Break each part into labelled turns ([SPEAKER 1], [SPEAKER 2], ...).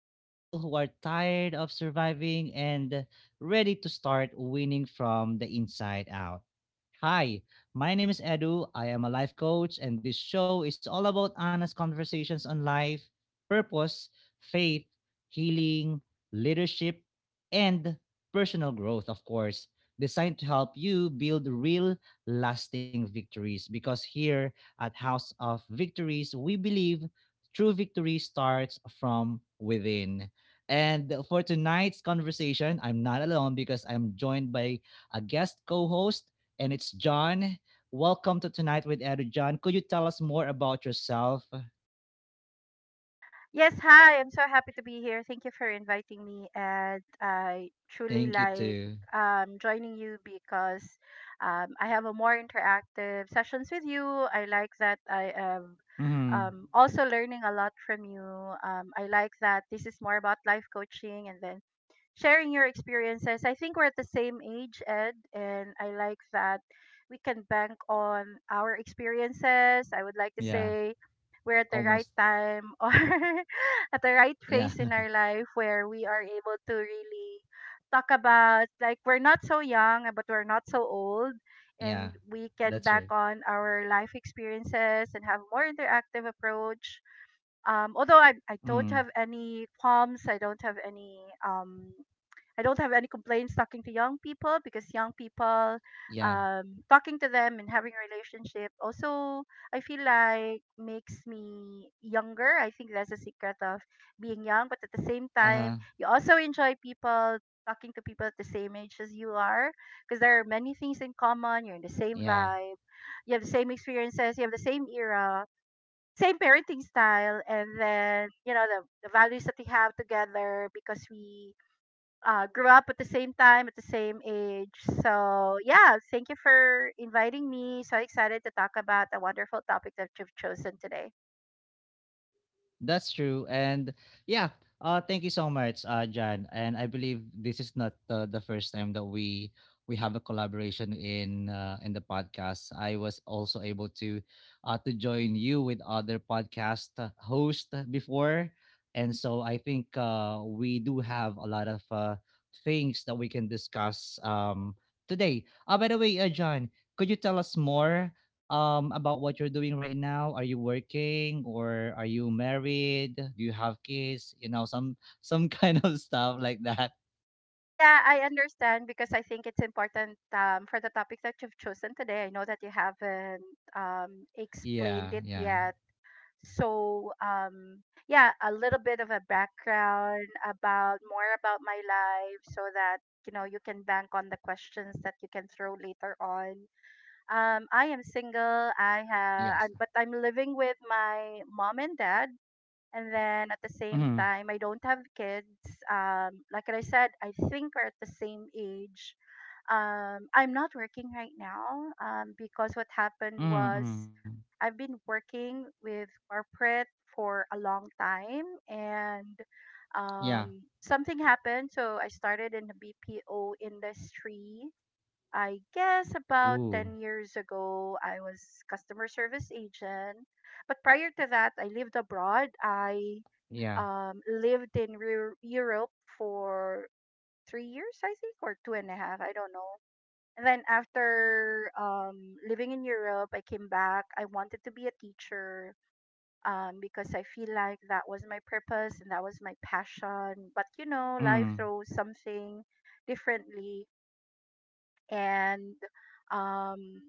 [SPEAKER 1] for people who are tired of surviving and ready to start winning from the inside out. Hi, my name is Edu. I am a life coach, and this show is all about honest conversations on life, purpose, faith, healing, leadership, and personal growth, of course, designed to help you build real lasting victories because here at House of Victories, we believe true victory starts from within. And for tonight's conversation, I'm not alone because I'm joined by a guest co host, and it's John. Welcome to Tonight with Edu John. Could you tell us more about yourself?
[SPEAKER 2] Yes, hi. I'm so happy to be here. Thank you for inviting me, and I truly
[SPEAKER 1] Thank you,
[SPEAKER 2] like
[SPEAKER 1] too.
[SPEAKER 2] joining you because I have a more interactive sessions with you. I like that I am
[SPEAKER 1] Mm-hmm.
[SPEAKER 2] also learning a lot from you. I like that this is more about life coaching, and then sharing your experiences. I think we're at the same age, Ed, and I like that we can bank on our experiences. I would
[SPEAKER 1] Yeah,
[SPEAKER 2] like to say we're
[SPEAKER 1] almost.
[SPEAKER 2] at the right time or at the right
[SPEAKER 1] Yeah,
[SPEAKER 2] phase in our life where we are able to really talk about like we're not so young but we're not so old,
[SPEAKER 1] yeah,
[SPEAKER 2] and we can
[SPEAKER 1] that's
[SPEAKER 2] back
[SPEAKER 1] true.
[SPEAKER 2] on our life experiences and have more interactive approach. Although I
[SPEAKER 1] Mm.
[SPEAKER 2] don't have any qualms. I don't have any um I don't have any complaints talking to young people because young people,
[SPEAKER 1] Yeah,
[SPEAKER 2] talking to them and having a relationship also, I feel like makes me younger. I think that's the secret of being young. But at the same
[SPEAKER 1] uh huh.
[SPEAKER 2] time, you also enjoy people talking to people at the same age as you are because there are many things in common. You're in the same
[SPEAKER 1] Yeah.
[SPEAKER 2] vibe, you have the same experiences, you have the same era. Same parenting style, and then you know the values that we have together because we grew up at the same time, at the same age. So, yeah, thank you for inviting me. So excited to talk about the wonderful topic that you've chosen today.
[SPEAKER 1] That's true. And yeah, thank you so much, John. And I believe this is not the first time that we have a collaboration in the podcast. I was also able to join you with other podcast host before. And so I think we do have a lot of things that we can discuss today. By the way, John, could you tell us more about what you're doing right now? Are you working or are you married? Do you have kids? You know, some some kind of stuff like that.
[SPEAKER 2] Yeah, I understand because I think it's important, for the topic that you've chosen today. I know that you haven't
[SPEAKER 1] Yeah,
[SPEAKER 2] explained it
[SPEAKER 1] yeah.
[SPEAKER 2] yet. So, yeah, a little bit of a background about more about my life so that you know you can bank on the questions that you can throw later on. I am single. I have,
[SPEAKER 1] Yes.
[SPEAKER 2] I, but I'm living with my mom and dad. And then at the same
[SPEAKER 1] Mm.
[SPEAKER 2] time, I don't have kids. Like I said, I think we're at the same age. I'm not working right now because what happened
[SPEAKER 1] Mm.
[SPEAKER 2] was
[SPEAKER 1] Mm.
[SPEAKER 2] I've been working with corporate for a long time and
[SPEAKER 1] Yeah.
[SPEAKER 2] something happened. So I started in the BPO industry, I guess about
[SPEAKER 1] Ooh.
[SPEAKER 2] 10 years ago, I was customer service agent. But prior to that, I lived abroad. I
[SPEAKER 1] Yeah.
[SPEAKER 2] lived in Europe for 3 years, I think, or two and a half. I don't know. And then after living in Europe, I came back. I wanted to be a teacher because I feel like that was my purpose and that was my passion. But you know, life
[SPEAKER 1] Mm.
[SPEAKER 2] throws something differently. And um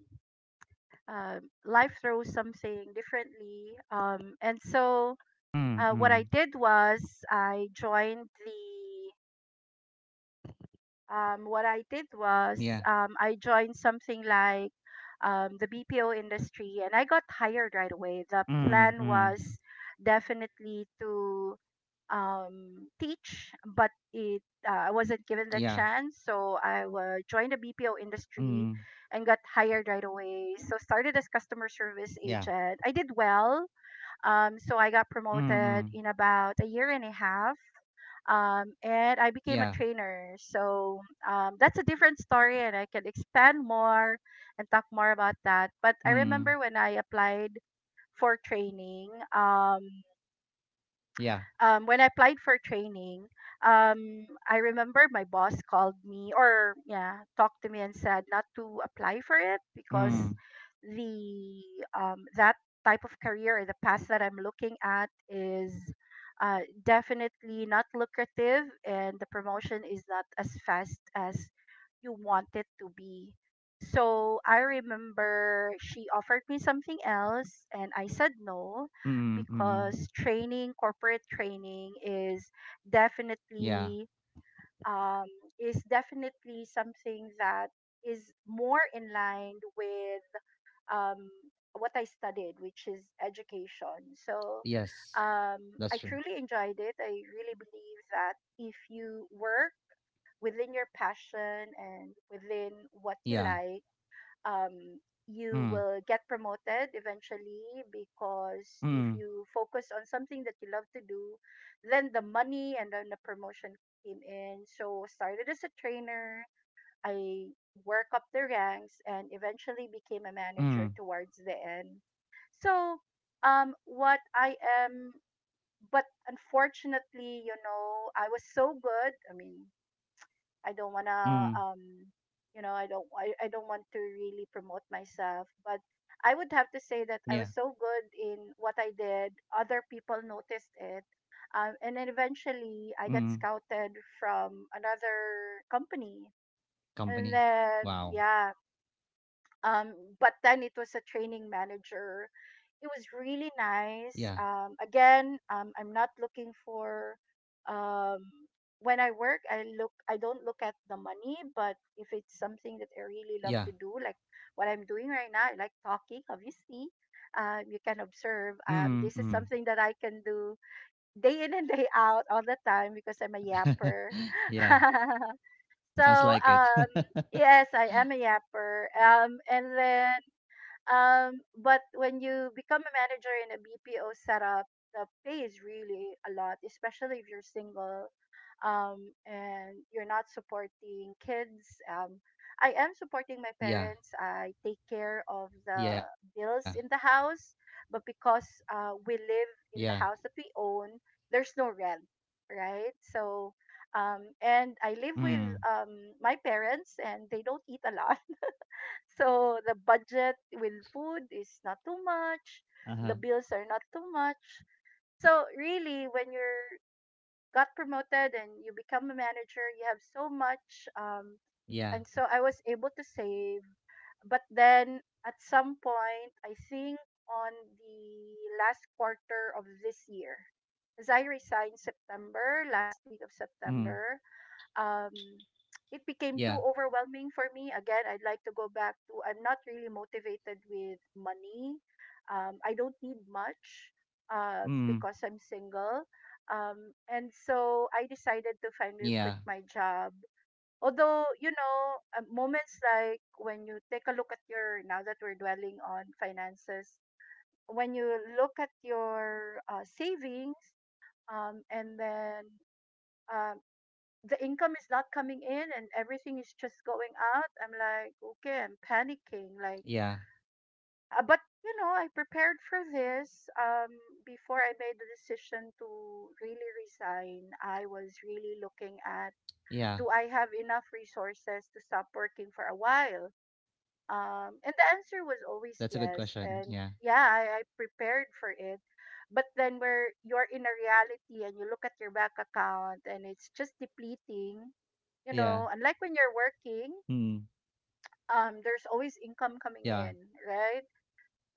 [SPEAKER 2] life throws something differently. And so
[SPEAKER 1] Mm.
[SPEAKER 2] what I
[SPEAKER 1] Mm.
[SPEAKER 2] did was I joined the what I did was,
[SPEAKER 1] Yeah.
[SPEAKER 2] I joined something like the BPO industry, and I got hired right away. The
[SPEAKER 1] Mm. Mm.
[SPEAKER 2] plan was definitely to teach, but it I wasn't given the
[SPEAKER 1] Yeah.
[SPEAKER 2] chance. So I joined the BPO industry
[SPEAKER 1] Mm.
[SPEAKER 2] and got hired right away. So started as customer service
[SPEAKER 1] Yeah.
[SPEAKER 2] agent. I did well. So I
[SPEAKER 1] Mm.
[SPEAKER 2] got
[SPEAKER 1] Mm.
[SPEAKER 2] promoted in about a year and a half, and I
[SPEAKER 1] Yeah.
[SPEAKER 2] became a trainer. So that's a different story, and I can expand more and talk more about that. But I
[SPEAKER 1] Mm.
[SPEAKER 2] remember when I applied for training. Um,
[SPEAKER 1] Yeah.
[SPEAKER 2] when I applied for training, I remember my boss called me, or yeah, talked to me and said not to apply for it
[SPEAKER 1] Mm.
[SPEAKER 2] because the that type of career or the path that I'm looking at is definitely not lucrative and the promotion is not as fast as you want it to be. So I remember she offered me something else and I said no,
[SPEAKER 1] Mm. Mm, mm.
[SPEAKER 2] because training, corporate training is
[SPEAKER 1] Yeah.
[SPEAKER 2] definitely um, is definitely something that is more in line with um, what I studied, which is education. So
[SPEAKER 1] Yes. That's true.
[SPEAKER 2] I truly enjoyed it. I really believe that if you work within your passion and within what you
[SPEAKER 1] Yeah.
[SPEAKER 2] like, um, you
[SPEAKER 1] Mm.
[SPEAKER 2] will get promoted eventually, because if
[SPEAKER 1] Mm.
[SPEAKER 2] you focus on something that you love to do, then the money and then the promotion came in. So started as a trainer, I work up the ranks and eventually became a manager
[SPEAKER 1] Mm.
[SPEAKER 2] towards the end. So what I am but unfortunately, you know, I was so good. I mean, I don't
[SPEAKER 1] Mm.
[SPEAKER 2] wanna you know, I don't want to really promote myself, but I would have to say that I
[SPEAKER 1] Yeah.
[SPEAKER 2] was so good in what I did, other people noticed it, and then eventually I got
[SPEAKER 1] Mm,
[SPEAKER 2] scouted from another company. And
[SPEAKER 1] company.
[SPEAKER 2] then
[SPEAKER 1] Wow.
[SPEAKER 2] yeah, um, but then it was a training manager. It was really nice.
[SPEAKER 1] Yeah,
[SPEAKER 2] Again, I'm not looking for um, when I work. I look. I don't look at the money, but if it's something that I really love
[SPEAKER 1] yeah.
[SPEAKER 2] to do, like what I'm doing right now, I like talking. Obviously, you can observe.
[SPEAKER 1] Mm,
[SPEAKER 2] This is
[SPEAKER 1] mm.
[SPEAKER 2] something that I can do day in and day out all the time, because I'm a yapper.
[SPEAKER 1] Yeah, sounds
[SPEAKER 2] So,
[SPEAKER 1] like it.
[SPEAKER 2] um, yes, I am a yapper. And then but when you become a manager in a BPO setup, the pay is really a lot, especially if you're single, and you're not supporting kids. I am supporting my
[SPEAKER 1] Yeah,
[SPEAKER 2] parents. I take care of the
[SPEAKER 1] yeah,
[SPEAKER 2] bills in the house, but because we
[SPEAKER 1] yeah.
[SPEAKER 2] live in the house that we own, there's no rent, right? So, and I live
[SPEAKER 1] Mm,
[SPEAKER 2] with um, my parents, and they don't eat a lot. So the budget with food is not
[SPEAKER 1] uh-huh.
[SPEAKER 2] too much. The bills are not too
[SPEAKER 1] Yeah,
[SPEAKER 2] much. So really, when you're got promoted and you become a manager, you have so much.
[SPEAKER 1] yeah.
[SPEAKER 2] And so I was able to save. But then at some point, I think on the last quarter of this year, as I resigned September, last
[SPEAKER 1] Mm,
[SPEAKER 2] week of September, um,
[SPEAKER 1] yeah.
[SPEAKER 2] it became too overwhelming for me. Again, I'd like to go back to I'm not really motivated with money. I don't need
[SPEAKER 1] Mm,
[SPEAKER 2] much, because I'm single. And so I decided
[SPEAKER 1] yeah,
[SPEAKER 2] to finally quit my job. Although, you know, moments like when you take a look at your, now that we're dwelling on finances, when you look at your savings, and then um, the income is not coming in and everything is just going out. I'm like, okay, I'm panicking,
[SPEAKER 1] yeah,
[SPEAKER 2] like, but you know, I prepared for this. Before I made the decision to really resign, I was really looking at,
[SPEAKER 1] yeah.
[SPEAKER 2] do I have enough resources to stop working for a while? And the answer was
[SPEAKER 1] That's a good
[SPEAKER 2] always
[SPEAKER 1] question.
[SPEAKER 2] yes.
[SPEAKER 1] Yeah,
[SPEAKER 2] And yeah, I prepared for it. But then where you're in a reality and you look at your bank account and it's just depleting,
[SPEAKER 1] yeah.
[SPEAKER 2] you know, unlike when you're
[SPEAKER 1] Mm,
[SPEAKER 2] working, there's always income
[SPEAKER 1] yeah,
[SPEAKER 2] coming in, right?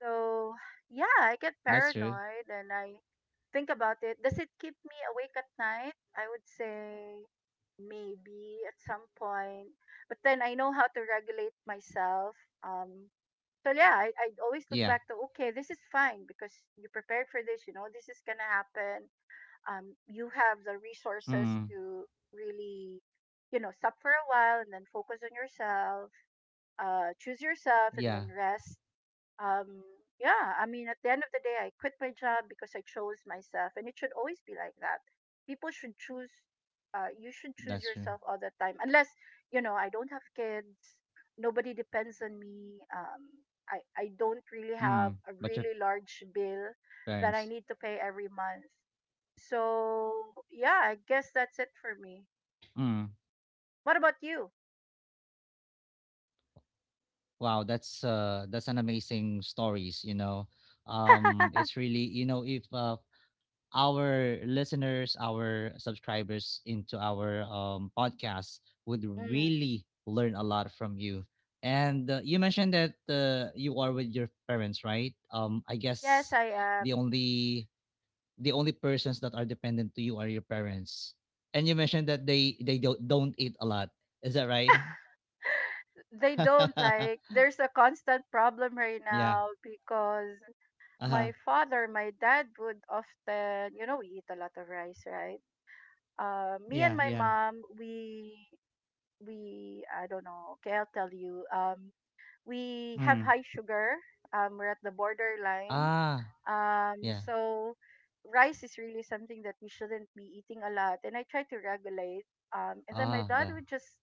[SPEAKER 2] So yeah, I
[SPEAKER 1] that's
[SPEAKER 2] get
[SPEAKER 1] true.
[SPEAKER 2] paranoid and I think about it. Does it keep me awake at night? I would say maybe at some point. But then I know how to regulate myself. Um, so yeah, I
[SPEAKER 1] Yeah.
[SPEAKER 2] always look back to, okay, this is fine, because you prepared for this, you know, this is gonna happen. You have the
[SPEAKER 1] Mm,
[SPEAKER 2] resources to really, you know, stop for a while and then focus on yourself, choose yourself
[SPEAKER 1] yeah,
[SPEAKER 2] and then rest. um yeah, I mean, at the end of the day, I quit my job because I chose myself, and it should always be like that. People should choose, you should
[SPEAKER 1] that's
[SPEAKER 2] choose
[SPEAKER 1] true.
[SPEAKER 2] yourself all the time, unless, you know, I don't have kids. Nobody depends on me. I don't really have
[SPEAKER 1] Mm,
[SPEAKER 2] a
[SPEAKER 1] but your
[SPEAKER 2] really
[SPEAKER 1] parents.
[SPEAKER 2] large bill that I need to pay every month. So yeah, I guess that's it for me.
[SPEAKER 1] Mm.
[SPEAKER 2] What about you?
[SPEAKER 1] Wow, that's an amazing stories, you know. It's really, if our listeners, our subscribers into our podcast would
[SPEAKER 2] Mm.
[SPEAKER 1] really learn a lot from you. And you mentioned that you are with your parents, right? I
[SPEAKER 2] Yes,
[SPEAKER 1] guess
[SPEAKER 2] I am.
[SPEAKER 1] the only, persons that are dependent to you are your parents. And you mentioned that they don't eat a lot. Is that right?
[SPEAKER 2] They don't like there's a constant problem right
[SPEAKER 1] Yeah.
[SPEAKER 2] now, because
[SPEAKER 1] Uh-huh.
[SPEAKER 2] my dad would often, you know, we eat a lot of rice, right? Me
[SPEAKER 1] Yeah,
[SPEAKER 2] and my
[SPEAKER 1] yeah.
[SPEAKER 2] mom, we I don't know, okay, I'll tell you, we have
[SPEAKER 1] Mm.
[SPEAKER 2] high sugar. We're at the borderline,
[SPEAKER 1] Ah, yeah.
[SPEAKER 2] so rice is really something that we shouldn't be eating a lot, and I try to regulate. And then my
[SPEAKER 1] Ah,
[SPEAKER 2] dad
[SPEAKER 1] God.
[SPEAKER 2] would just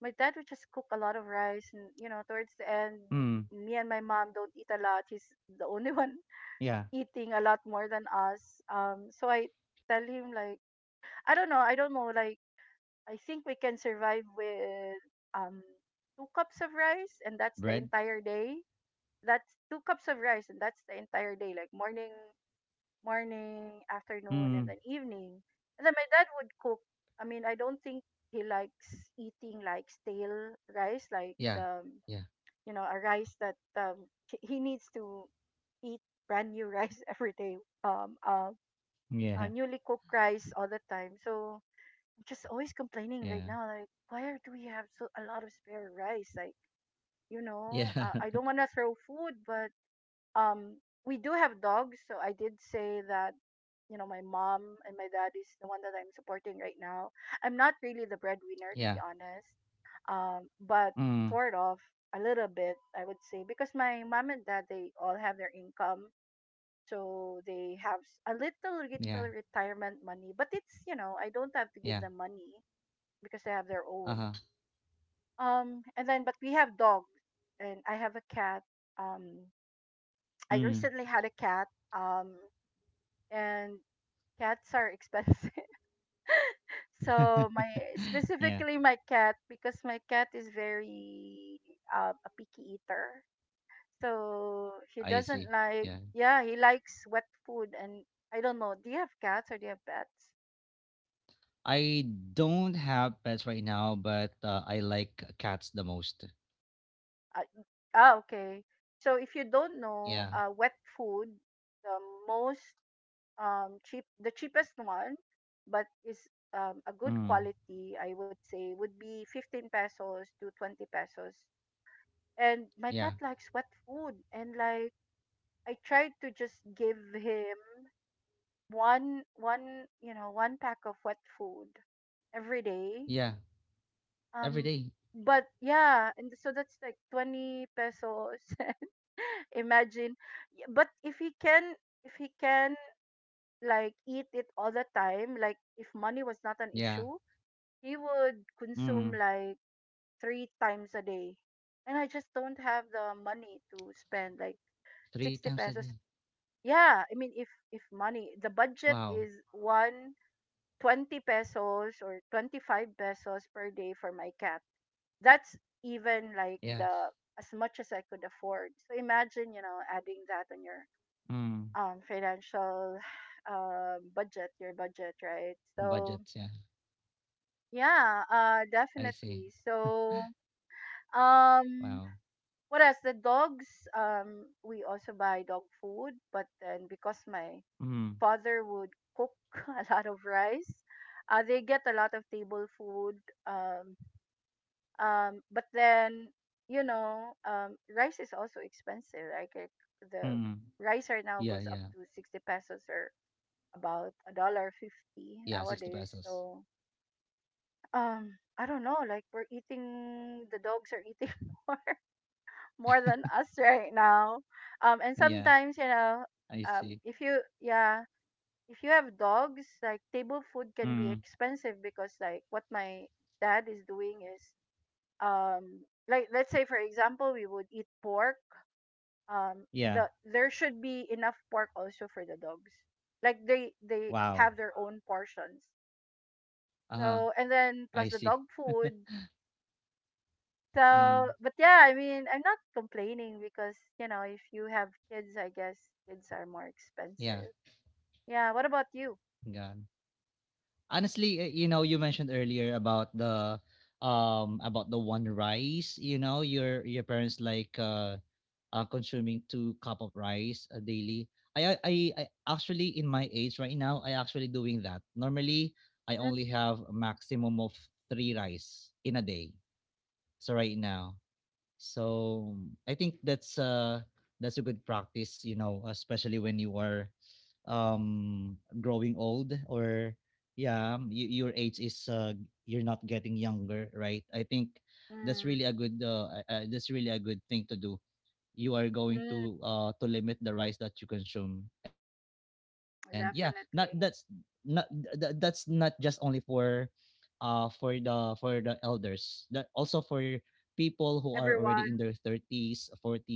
[SPEAKER 2] cook a lot of rice, and you know, towards the end,
[SPEAKER 1] Mm.
[SPEAKER 2] me and my mom don't eat a lot. He's the only one
[SPEAKER 1] Yeah.
[SPEAKER 2] eating a lot more than us. So I tell him, like, I don't know, like, I think we can survive with um two cups of rice and that's the
[SPEAKER 1] Bread?
[SPEAKER 2] entire day. That's two cups of rice and that's the entire day, like morning,
[SPEAKER 1] Mm.
[SPEAKER 2] afternoon, and then evening. And then my dad would cook. I mean, I don't think he likes eating like stale rice, like
[SPEAKER 1] Yeah.
[SPEAKER 2] the
[SPEAKER 1] Yeah.
[SPEAKER 2] you know a rice that he needs to eat brand new rice every day. Um, uh,
[SPEAKER 1] Yeah.
[SPEAKER 2] Newly cooked rice all the time. So I'm just always complaining right
[SPEAKER 1] Yeah.
[SPEAKER 2] now. Like, do we have so a lot of spare rice? Like,
[SPEAKER 1] Yeah.
[SPEAKER 2] I don't want to throw food, but um we do have dogs, so I did say that, my mom and my dad is the one that I'm supporting right now. I'm not really the breadwinner, to be
[SPEAKER 1] Yeah.
[SPEAKER 2] honest. But
[SPEAKER 1] Mm.
[SPEAKER 2] sort of, a little bit, I would say, because my mom and dad, they all have their income. So they have a little
[SPEAKER 1] Yeah.
[SPEAKER 2] retirement money, but it's, I don't have to give
[SPEAKER 1] Yeah.
[SPEAKER 2] them money because they have their own.
[SPEAKER 1] Uh-huh.
[SPEAKER 2] And then, but we have dogs, and I have a cat. um I
[SPEAKER 1] Mm.
[SPEAKER 2] recently had a cat, um and cats are expensive. So my
[SPEAKER 1] Yeah.
[SPEAKER 2] specifically, my cat, because my cat is very, a picky eater. So he
[SPEAKER 1] I see.
[SPEAKER 2] doesn't like,
[SPEAKER 1] Yeah.
[SPEAKER 2] yeah, he likes wet food. And I don't know. Do you have cats or do you have pets?
[SPEAKER 1] I don't have pets right now, but I like cats the most.
[SPEAKER 2] Uh, okay. So if you don't know,
[SPEAKER 1] Yeah.
[SPEAKER 2] wet food, the most the cheapest one, but is, a good
[SPEAKER 1] Mm.
[SPEAKER 2] quality, I would say, would be 15 pesos to 20 pesos. And my cat
[SPEAKER 1] Yeah.
[SPEAKER 2] likes wet food, and, like, I tried to just give him one one you know one pack of wet food every day.
[SPEAKER 1] Yeah. Every
[SPEAKER 2] um
[SPEAKER 1] day.
[SPEAKER 2] but, yeah, and so that's like 20 pesos. Imagine. But if he can, if he can like eat it all the time, like if money was not an
[SPEAKER 1] Yeah.
[SPEAKER 2] issue, he would consume
[SPEAKER 1] Mm.
[SPEAKER 2] like three times a day. And I just don't have the money to spend like
[SPEAKER 1] Three
[SPEAKER 2] 60
[SPEAKER 1] times a
[SPEAKER 2] pesos.
[SPEAKER 1] day.
[SPEAKER 2] Yeah, I mean, if
[SPEAKER 1] Wow.
[SPEAKER 2] if money the budget is 120 pesos or 25 pesos per day for my cat. That's even like
[SPEAKER 1] Yeah.
[SPEAKER 2] the as much as I could afford. So imagine, adding that on your,
[SPEAKER 1] Mm.
[SPEAKER 2] financial budget, right?
[SPEAKER 1] Budget.
[SPEAKER 2] So,
[SPEAKER 1] Yeah.
[SPEAKER 2] yeah,
[SPEAKER 1] I see.
[SPEAKER 2] definitely. So
[SPEAKER 1] Wow.
[SPEAKER 2] um what else? The dogs. We also buy dog food, but then, because my
[SPEAKER 1] Mm.
[SPEAKER 2] father would cook a lot of rice. They get a lot of table food. Um, but then, rice is also expensive, right? Like, the
[SPEAKER 1] Mm.
[SPEAKER 2] rice right now
[SPEAKER 1] Yeah,
[SPEAKER 2] goes up
[SPEAKER 1] yeah.
[SPEAKER 2] to 60 pesos, or about a dollar fifty
[SPEAKER 1] Yeah, 60
[SPEAKER 2] nowadays.
[SPEAKER 1] pesos.
[SPEAKER 2] So, I don't know. Like, the dogs are eating more more than us right now. And
[SPEAKER 1] yeah,
[SPEAKER 2] sometimes,
[SPEAKER 1] I see.
[SPEAKER 2] if you yeah, if you have dogs, like table food can be
[SPEAKER 1] Mm.
[SPEAKER 2] expensive because like what my dad is doing is, um like let's say for example we would eat pork.
[SPEAKER 1] Yeah.
[SPEAKER 2] There should be enough pork also for the dogs. Like, they
[SPEAKER 1] Wow.
[SPEAKER 2] have their own portions.
[SPEAKER 1] Uh,
[SPEAKER 2] So and then
[SPEAKER 1] I
[SPEAKER 2] plus the
[SPEAKER 1] see.
[SPEAKER 2] dog food.
[SPEAKER 1] uh,
[SPEAKER 2] So but, yeah, I mean, I'm not complaining, because, if you have kids, I guess kids are more
[SPEAKER 1] yeah.
[SPEAKER 2] expensive. Yeah, what about you?
[SPEAKER 1] God. Honestly, you mentioned earlier about the one rice, your parents like consuming two cup of rice, daily. I actually in my age right now I actually doing that normally. I
[SPEAKER 2] Mm,
[SPEAKER 1] only have a maximum of three rice in a day, so right now, so I think that's a good practice, especially when you are growing old, or yeah, your age is, you're not getting younger, right. I think that's
[SPEAKER 2] mm,
[SPEAKER 1] really a good thing to do. You are going
[SPEAKER 2] mm.
[SPEAKER 1] to limit the rice that you consume, and yeah, not that's not
[SPEAKER 2] Definitely.
[SPEAKER 1] th- th- that's not just only for the elders. That also for people who are already in their
[SPEAKER 2] Everyone.
[SPEAKER 1] 30s 40s,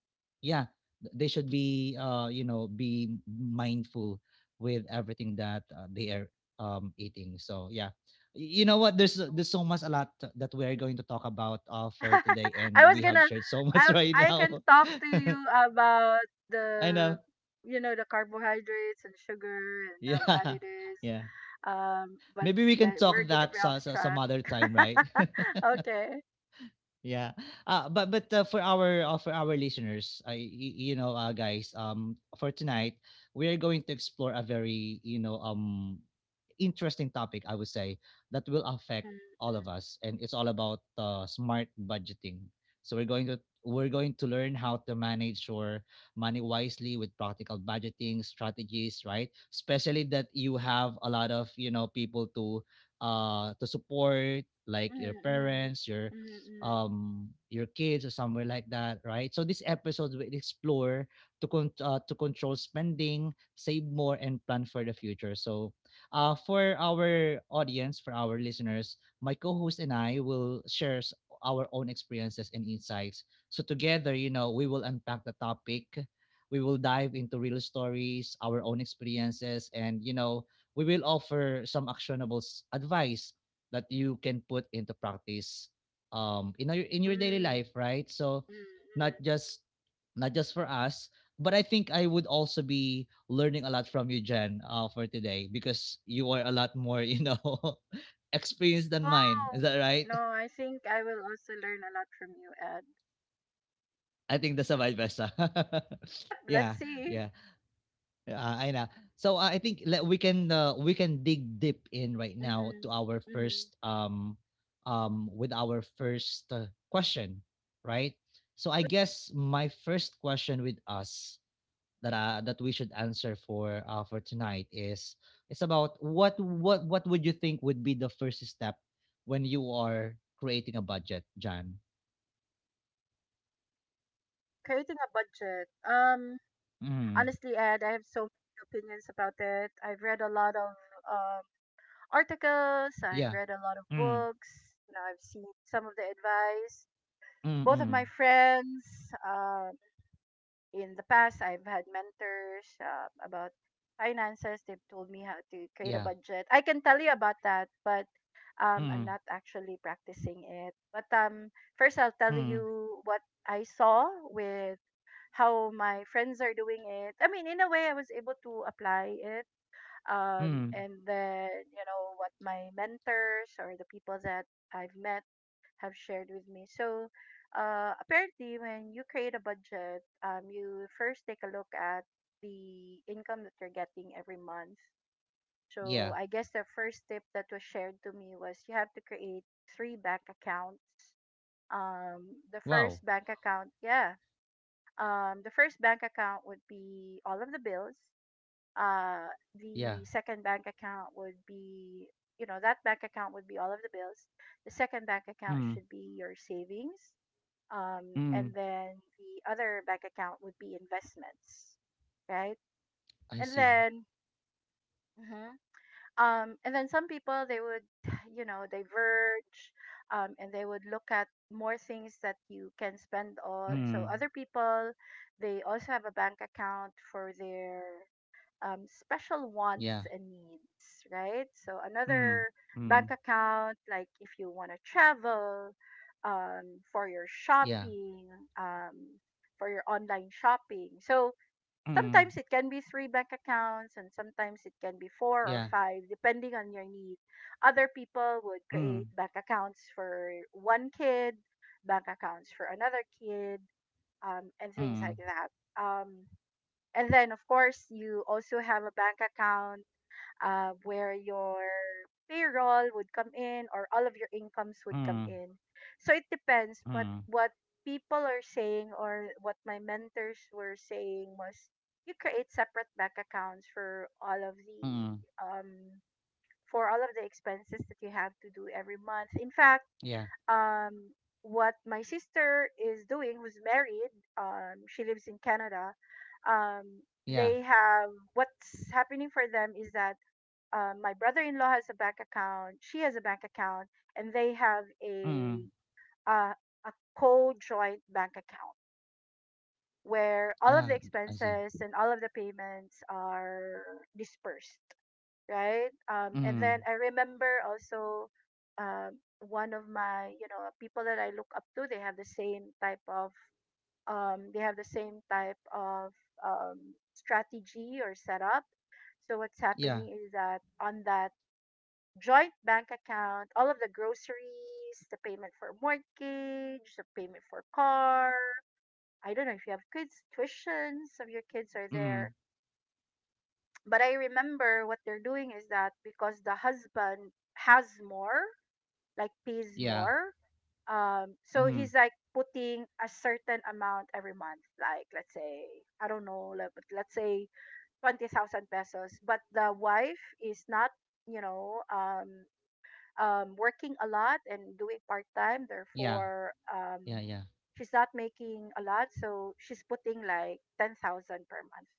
[SPEAKER 1] yeah, they should be you know be mindful with everything that, they are eating, so yeah. You know what, there's so much a lot that we are going to talk about for today, and
[SPEAKER 2] I was
[SPEAKER 1] we have
[SPEAKER 2] gonna,
[SPEAKER 1] shared so much right
[SPEAKER 2] I can
[SPEAKER 1] now.
[SPEAKER 2] talk to you about
[SPEAKER 1] I know,
[SPEAKER 2] the carbohydrates and sugar and how bad
[SPEAKER 1] yeah,
[SPEAKER 2] it is.
[SPEAKER 1] yeah,
[SPEAKER 2] But
[SPEAKER 1] maybe we can
[SPEAKER 2] that
[SPEAKER 1] talk
[SPEAKER 2] we're gonna
[SPEAKER 1] that
[SPEAKER 2] be off
[SPEAKER 1] some
[SPEAKER 2] track.
[SPEAKER 1] other time, right.
[SPEAKER 2] Okay.
[SPEAKER 1] Yeah. But for our listeners, you guys, for tonight, we are going to explore a very interesting topic. I would say that will affect
[SPEAKER 2] Mm,
[SPEAKER 1] all of us, and it's all about smart budgeting. So we're going to learn how to manage your money wisely with practical budgeting strategies, right? Especially that you have a lot of people to support, like your
[SPEAKER 2] mm, mm,
[SPEAKER 1] parents, your
[SPEAKER 2] mm, mm,
[SPEAKER 1] um your kids, or somewhere like that, right. So this episode will explore, to control spending, save more, and plan for the future. So for our audience, for our listeners, my co-host and I will share, our own experiences and insights. So together, we will unpack the topic. We will dive into real stories, our own experiences, and we will offer some actionable, advice that you can put into practice in your daily
[SPEAKER 2] mm,
[SPEAKER 1] life, right? So
[SPEAKER 2] mm, mm.
[SPEAKER 1] not just not just for us, but I think I would also be learning a lot from you, Jen, for today, because you are a lot more, experienced than
[SPEAKER 2] No,
[SPEAKER 1] mine. Is that right?
[SPEAKER 2] no. I think I will also learn a lot from you, Ed.
[SPEAKER 1] I think that's a vice versa.
[SPEAKER 2] Yep. Let's
[SPEAKER 1] yeah,
[SPEAKER 2] see.
[SPEAKER 1] yeah. Yeah, I know. So I think, we can dig deep in right now
[SPEAKER 2] Mm-hmm.
[SPEAKER 1] to our
[SPEAKER 2] Mm-hmm.
[SPEAKER 1] first um um with our first question, right? So I guess my first question with us, that we should answer for tonight, is, it's about what would you think would be the first step when you are creating a budget, John?
[SPEAKER 2] Creating a budget.
[SPEAKER 1] Mm.
[SPEAKER 2] Honestly, Ed, I have so many opinions about it. I've read a lot of, um, articles. I've
[SPEAKER 1] Yeah.
[SPEAKER 2] read a lot of
[SPEAKER 1] Mm.
[SPEAKER 2] books, I've seen some of the advice.
[SPEAKER 1] Mm.
[SPEAKER 2] Both of my
[SPEAKER 1] Mm.
[SPEAKER 2] friends, um, in the past, I've had mentors, about finances. They've told me how to create a
[SPEAKER 1] Yeah.
[SPEAKER 2] budget. I can tell you about that, but, I'm
[SPEAKER 1] Mm.
[SPEAKER 2] not actually practicing it. But, first, I'll tell
[SPEAKER 1] Mm.
[SPEAKER 2] you what I saw with how my friends are doing it. I mean, in a way, I was able to apply it.
[SPEAKER 1] Mm.
[SPEAKER 2] And then, what my mentors or the people that I've met have shared with me. So, apparently, when you create a budget, you first take a look at the income that you're getting every month. So,
[SPEAKER 1] Yeah.
[SPEAKER 2] I guess the first tip that was shared to me was you have to create three bank accounts. um the
[SPEAKER 1] Wow.
[SPEAKER 2] first bank account, yeah, the first bank account would be all of the bills. Uh,
[SPEAKER 1] Yeah.
[SPEAKER 2] the second bank account would be, that bank account would be all of the bills. The second bank account
[SPEAKER 1] Mm,
[SPEAKER 2] should be your savings. And
[SPEAKER 1] mm,
[SPEAKER 2] then the other bank account would be investments, right?
[SPEAKER 1] I
[SPEAKER 2] And
[SPEAKER 1] see.
[SPEAKER 2] then, mhm, and then some people, they would diverge, and they would look at more things that you can spend on. So
[SPEAKER 1] Mm,
[SPEAKER 2] other people, they also have a bank account for their, special
[SPEAKER 1] yeah.
[SPEAKER 2] wants and needs, right? So
[SPEAKER 1] Mm,
[SPEAKER 2] another bank
[SPEAKER 1] mm,
[SPEAKER 2] account, like if you want to travel, for your
[SPEAKER 1] yeah.
[SPEAKER 2] shopping, um for your online shopping, so
[SPEAKER 1] Mm,
[SPEAKER 2] sometimes it can be three bank accounts, and sometimes it can be four
[SPEAKER 1] yeah.
[SPEAKER 2] or five, depending on your need. Other people would
[SPEAKER 1] Mm,
[SPEAKER 2] create bank accounts for one kid, bank accounts for another kid, and things
[SPEAKER 1] mm,
[SPEAKER 2] like that. And then, of course, you also have a bank account, where your payroll would come in, or all of your incomes would come
[SPEAKER 1] mm,
[SPEAKER 2] in. So it depends. But
[SPEAKER 1] mm,
[SPEAKER 2] what people are saying, or what my mentors were saying, was you create separate bank accounts for
[SPEAKER 1] mm,
[SPEAKER 2] um all of the expenses that you have to do every month. In fact,
[SPEAKER 1] yeah.
[SPEAKER 2] um what my sister is doing, who's married, she lives in Canada. Um
[SPEAKER 1] Yeah.
[SPEAKER 2] they have, what's happening for them is that, my brother-in-law has a bank account, she has a bank account, and they have
[SPEAKER 1] Mm,
[SPEAKER 2] a, uh, a co-joint bank account where all of
[SPEAKER 1] ah,
[SPEAKER 2] the
[SPEAKER 1] I see.
[SPEAKER 2] expenses and all of the payments are dispersed, right? And
[SPEAKER 1] Mm,
[SPEAKER 2] then I remember also, one of my, people that I look up to, they have the same type of, um, strategy or setup. So what's
[SPEAKER 1] yeah.
[SPEAKER 2] happening is that on that joint bank account, all of the groceries, the payment for mortgage, the payment for car. I don't know if you have kids, tuitions of your kids are
[SPEAKER 1] Mm,
[SPEAKER 2] there. But I remember what they're doing is that because the husband has more, like pays
[SPEAKER 1] yeah.
[SPEAKER 2] more, so
[SPEAKER 1] Mm,
[SPEAKER 2] he's like putting a certain amount every month, like let's say, I don't know, like, but let's say 20,000 pesos. But the wife is not, you know, um, working a lot and doing part time.
[SPEAKER 1] yeah.
[SPEAKER 2] Therefore,
[SPEAKER 1] Yeah. Yeah.
[SPEAKER 2] she's not making a lot, so she's putting like 10,000 per month.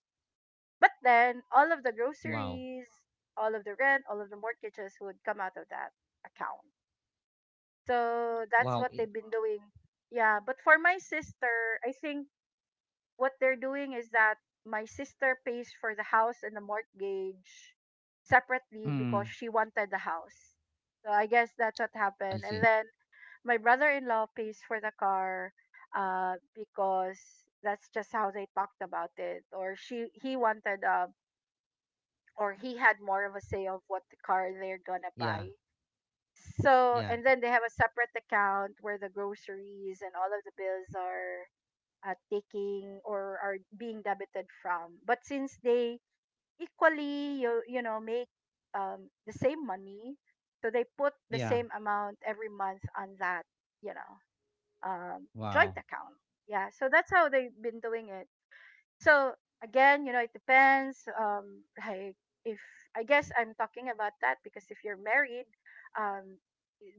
[SPEAKER 2] But then all of the
[SPEAKER 1] Wow.
[SPEAKER 2] groceries, all of the rent, all of the mortgages would come out of that account. So that's
[SPEAKER 1] Wow.
[SPEAKER 2] what
[SPEAKER 1] It,
[SPEAKER 2] they've been doing. Yeah, but for my sister, I think what they're doing is that my sister pays for the house and the mortgage separately, because
[SPEAKER 1] mm,
[SPEAKER 2] she wanted the house. So I guess that's what
[SPEAKER 1] I
[SPEAKER 2] happened. And
[SPEAKER 1] see.
[SPEAKER 2] then my brother-in-law pays for the car, because that's just how they talked about it. Or she he wanted, or he had more of a say of what the car they're gonna
[SPEAKER 1] Yeah.
[SPEAKER 2] buy. So,
[SPEAKER 1] Yeah.
[SPEAKER 2] and then they have a separate account where the groceries and all of the bills are, taking, or are being debited from. But since they equally, make, the same money, so they put the
[SPEAKER 1] Yeah,
[SPEAKER 2] same amount every month on that, you know joint
[SPEAKER 1] wow.
[SPEAKER 2] account. Yeah, so that's how they've been doing it. So again, it depends. Like, if I guess I'm talking about that because if you're married, um,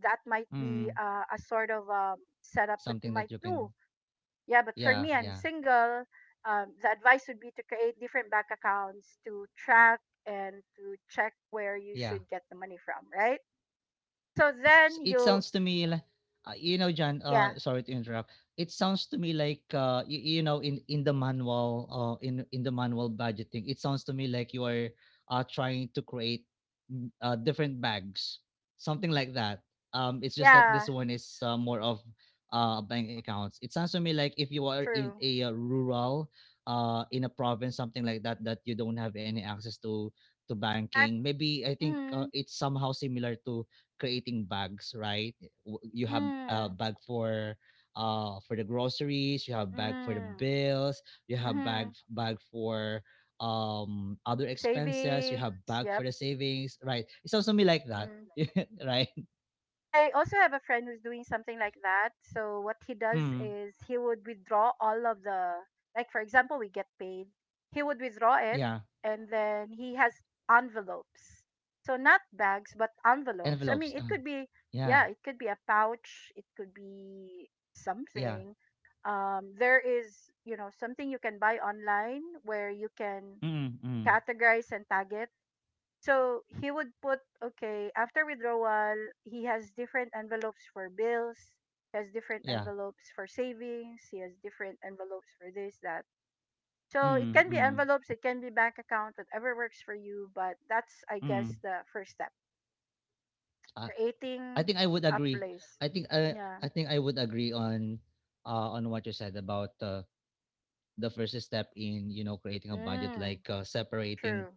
[SPEAKER 2] that might be,
[SPEAKER 1] Mm.
[SPEAKER 2] a sort of, setup that
[SPEAKER 1] Something
[SPEAKER 2] you
[SPEAKER 1] that
[SPEAKER 2] might
[SPEAKER 1] you can.
[SPEAKER 2] do. Yeah, but for
[SPEAKER 1] Yeah.
[SPEAKER 2] me, I'm
[SPEAKER 1] Yeah.
[SPEAKER 2] single. The advice would be to create different bank accounts, to track and to check where you
[SPEAKER 1] Yeah.
[SPEAKER 2] should get the money from, right? So then
[SPEAKER 1] It
[SPEAKER 2] you,
[SPEAKER 1] sounds to me like, John,
[SPEAKER 2] yeah,
[SPEAKER 1] sorry to interrupt. It sounds to me like, you, you know in the manual, in the manual budgeting, it sounds to me like you are trying to create, different bags, something like that, it's just that this
[SPEAKER 2] yeah,
[SPEAKER 1] one is, more of, bank accounts. It sounds to me like, if you are in
[SPEAKER 2] true,
[SPEAKER 1] a uh, rural uh in a province, something like that, that you don't have any access to
[SPEAKER 2] correct.
[SPEAKER 1] banking, maybe. I think,
[SPEAKER 2] Mhm.
[SPEAKER 1] it's somehow similar to creating bags, right? You have a
[SPEAKER 2] Mm,
[SPEAKER 1] bag for the groceries, you have bag for the
[SPEAKER 2] mm,
[SPEAKER 1] bills, you have
[SPEAKER 2] mm-hmm.
[SPEAKER 1] bag for other expenses, you
[SPEAKER 2] Savings,
[SPEAKER 1] have bag for
[SPEAKER 2] yep.
[SPEAKER 1] the savings, right? It sounds to me like that,
[SPEAKER 2] Mm.
[SPEAKER 1] right?
[SPEAKER 2] I also have a friend who's doing something like that. So what he does
[SPEAKER 1] Mm,
[SPEAKER 2] is he would withdraw all of the, like for example, we get paid. He would withdraw it,
[SPEAKER 1] yeah,
[SPEAKER 2] and then he has envelopes. So not bags, but envelopes. I mean,
[SPEAKER 1] envelopes.
[SPEAKER 2] it could be,
[SPEAKER 1] Yeah,
[SPEAKER 2] yeah, it could be a pouch. It could be
[SPEAKER 1] yeah.
[SPEAKER 2] something. There is, something you can buy online where you can
[SPEAKER 1] Mm, mm,
[SPEAKER 2] categorize and tag it. So he would put, okay, after withdrawal, he has different envelopes for bills, he has different
[SPEAKER 1] yeah.
[SPEAKER 2] envelopes for savings, he has different envelopes for this, that. So it
[SPEAKER 1] Mm,
[SPEAKER 2] can be
[SPEAKER 1] mm,
[SPEAKER 2] envelopes, it can be bank account, whatever works for you, but that's, I guess,
[SPEAKER 1] mm.
[SPEAKER 2] the first step
[SPEAKER 1] Uh, I
[SPEAKER 2] creating
[SPEAKER 1] think I would
[SPEAKER 2] a
[SPEAKER 1] agree.
[SPEAKER 2] place.
[SPEAKER 1] I think I
[SPEAKER 2] Yeah.
[SPEAKER 1] I think I would agree on, on what you said about, the first step in, creating a budget,
[SPEAKER 2] Mm,
[SPEAKER 1] like, separating
[SPEAKER 2] true.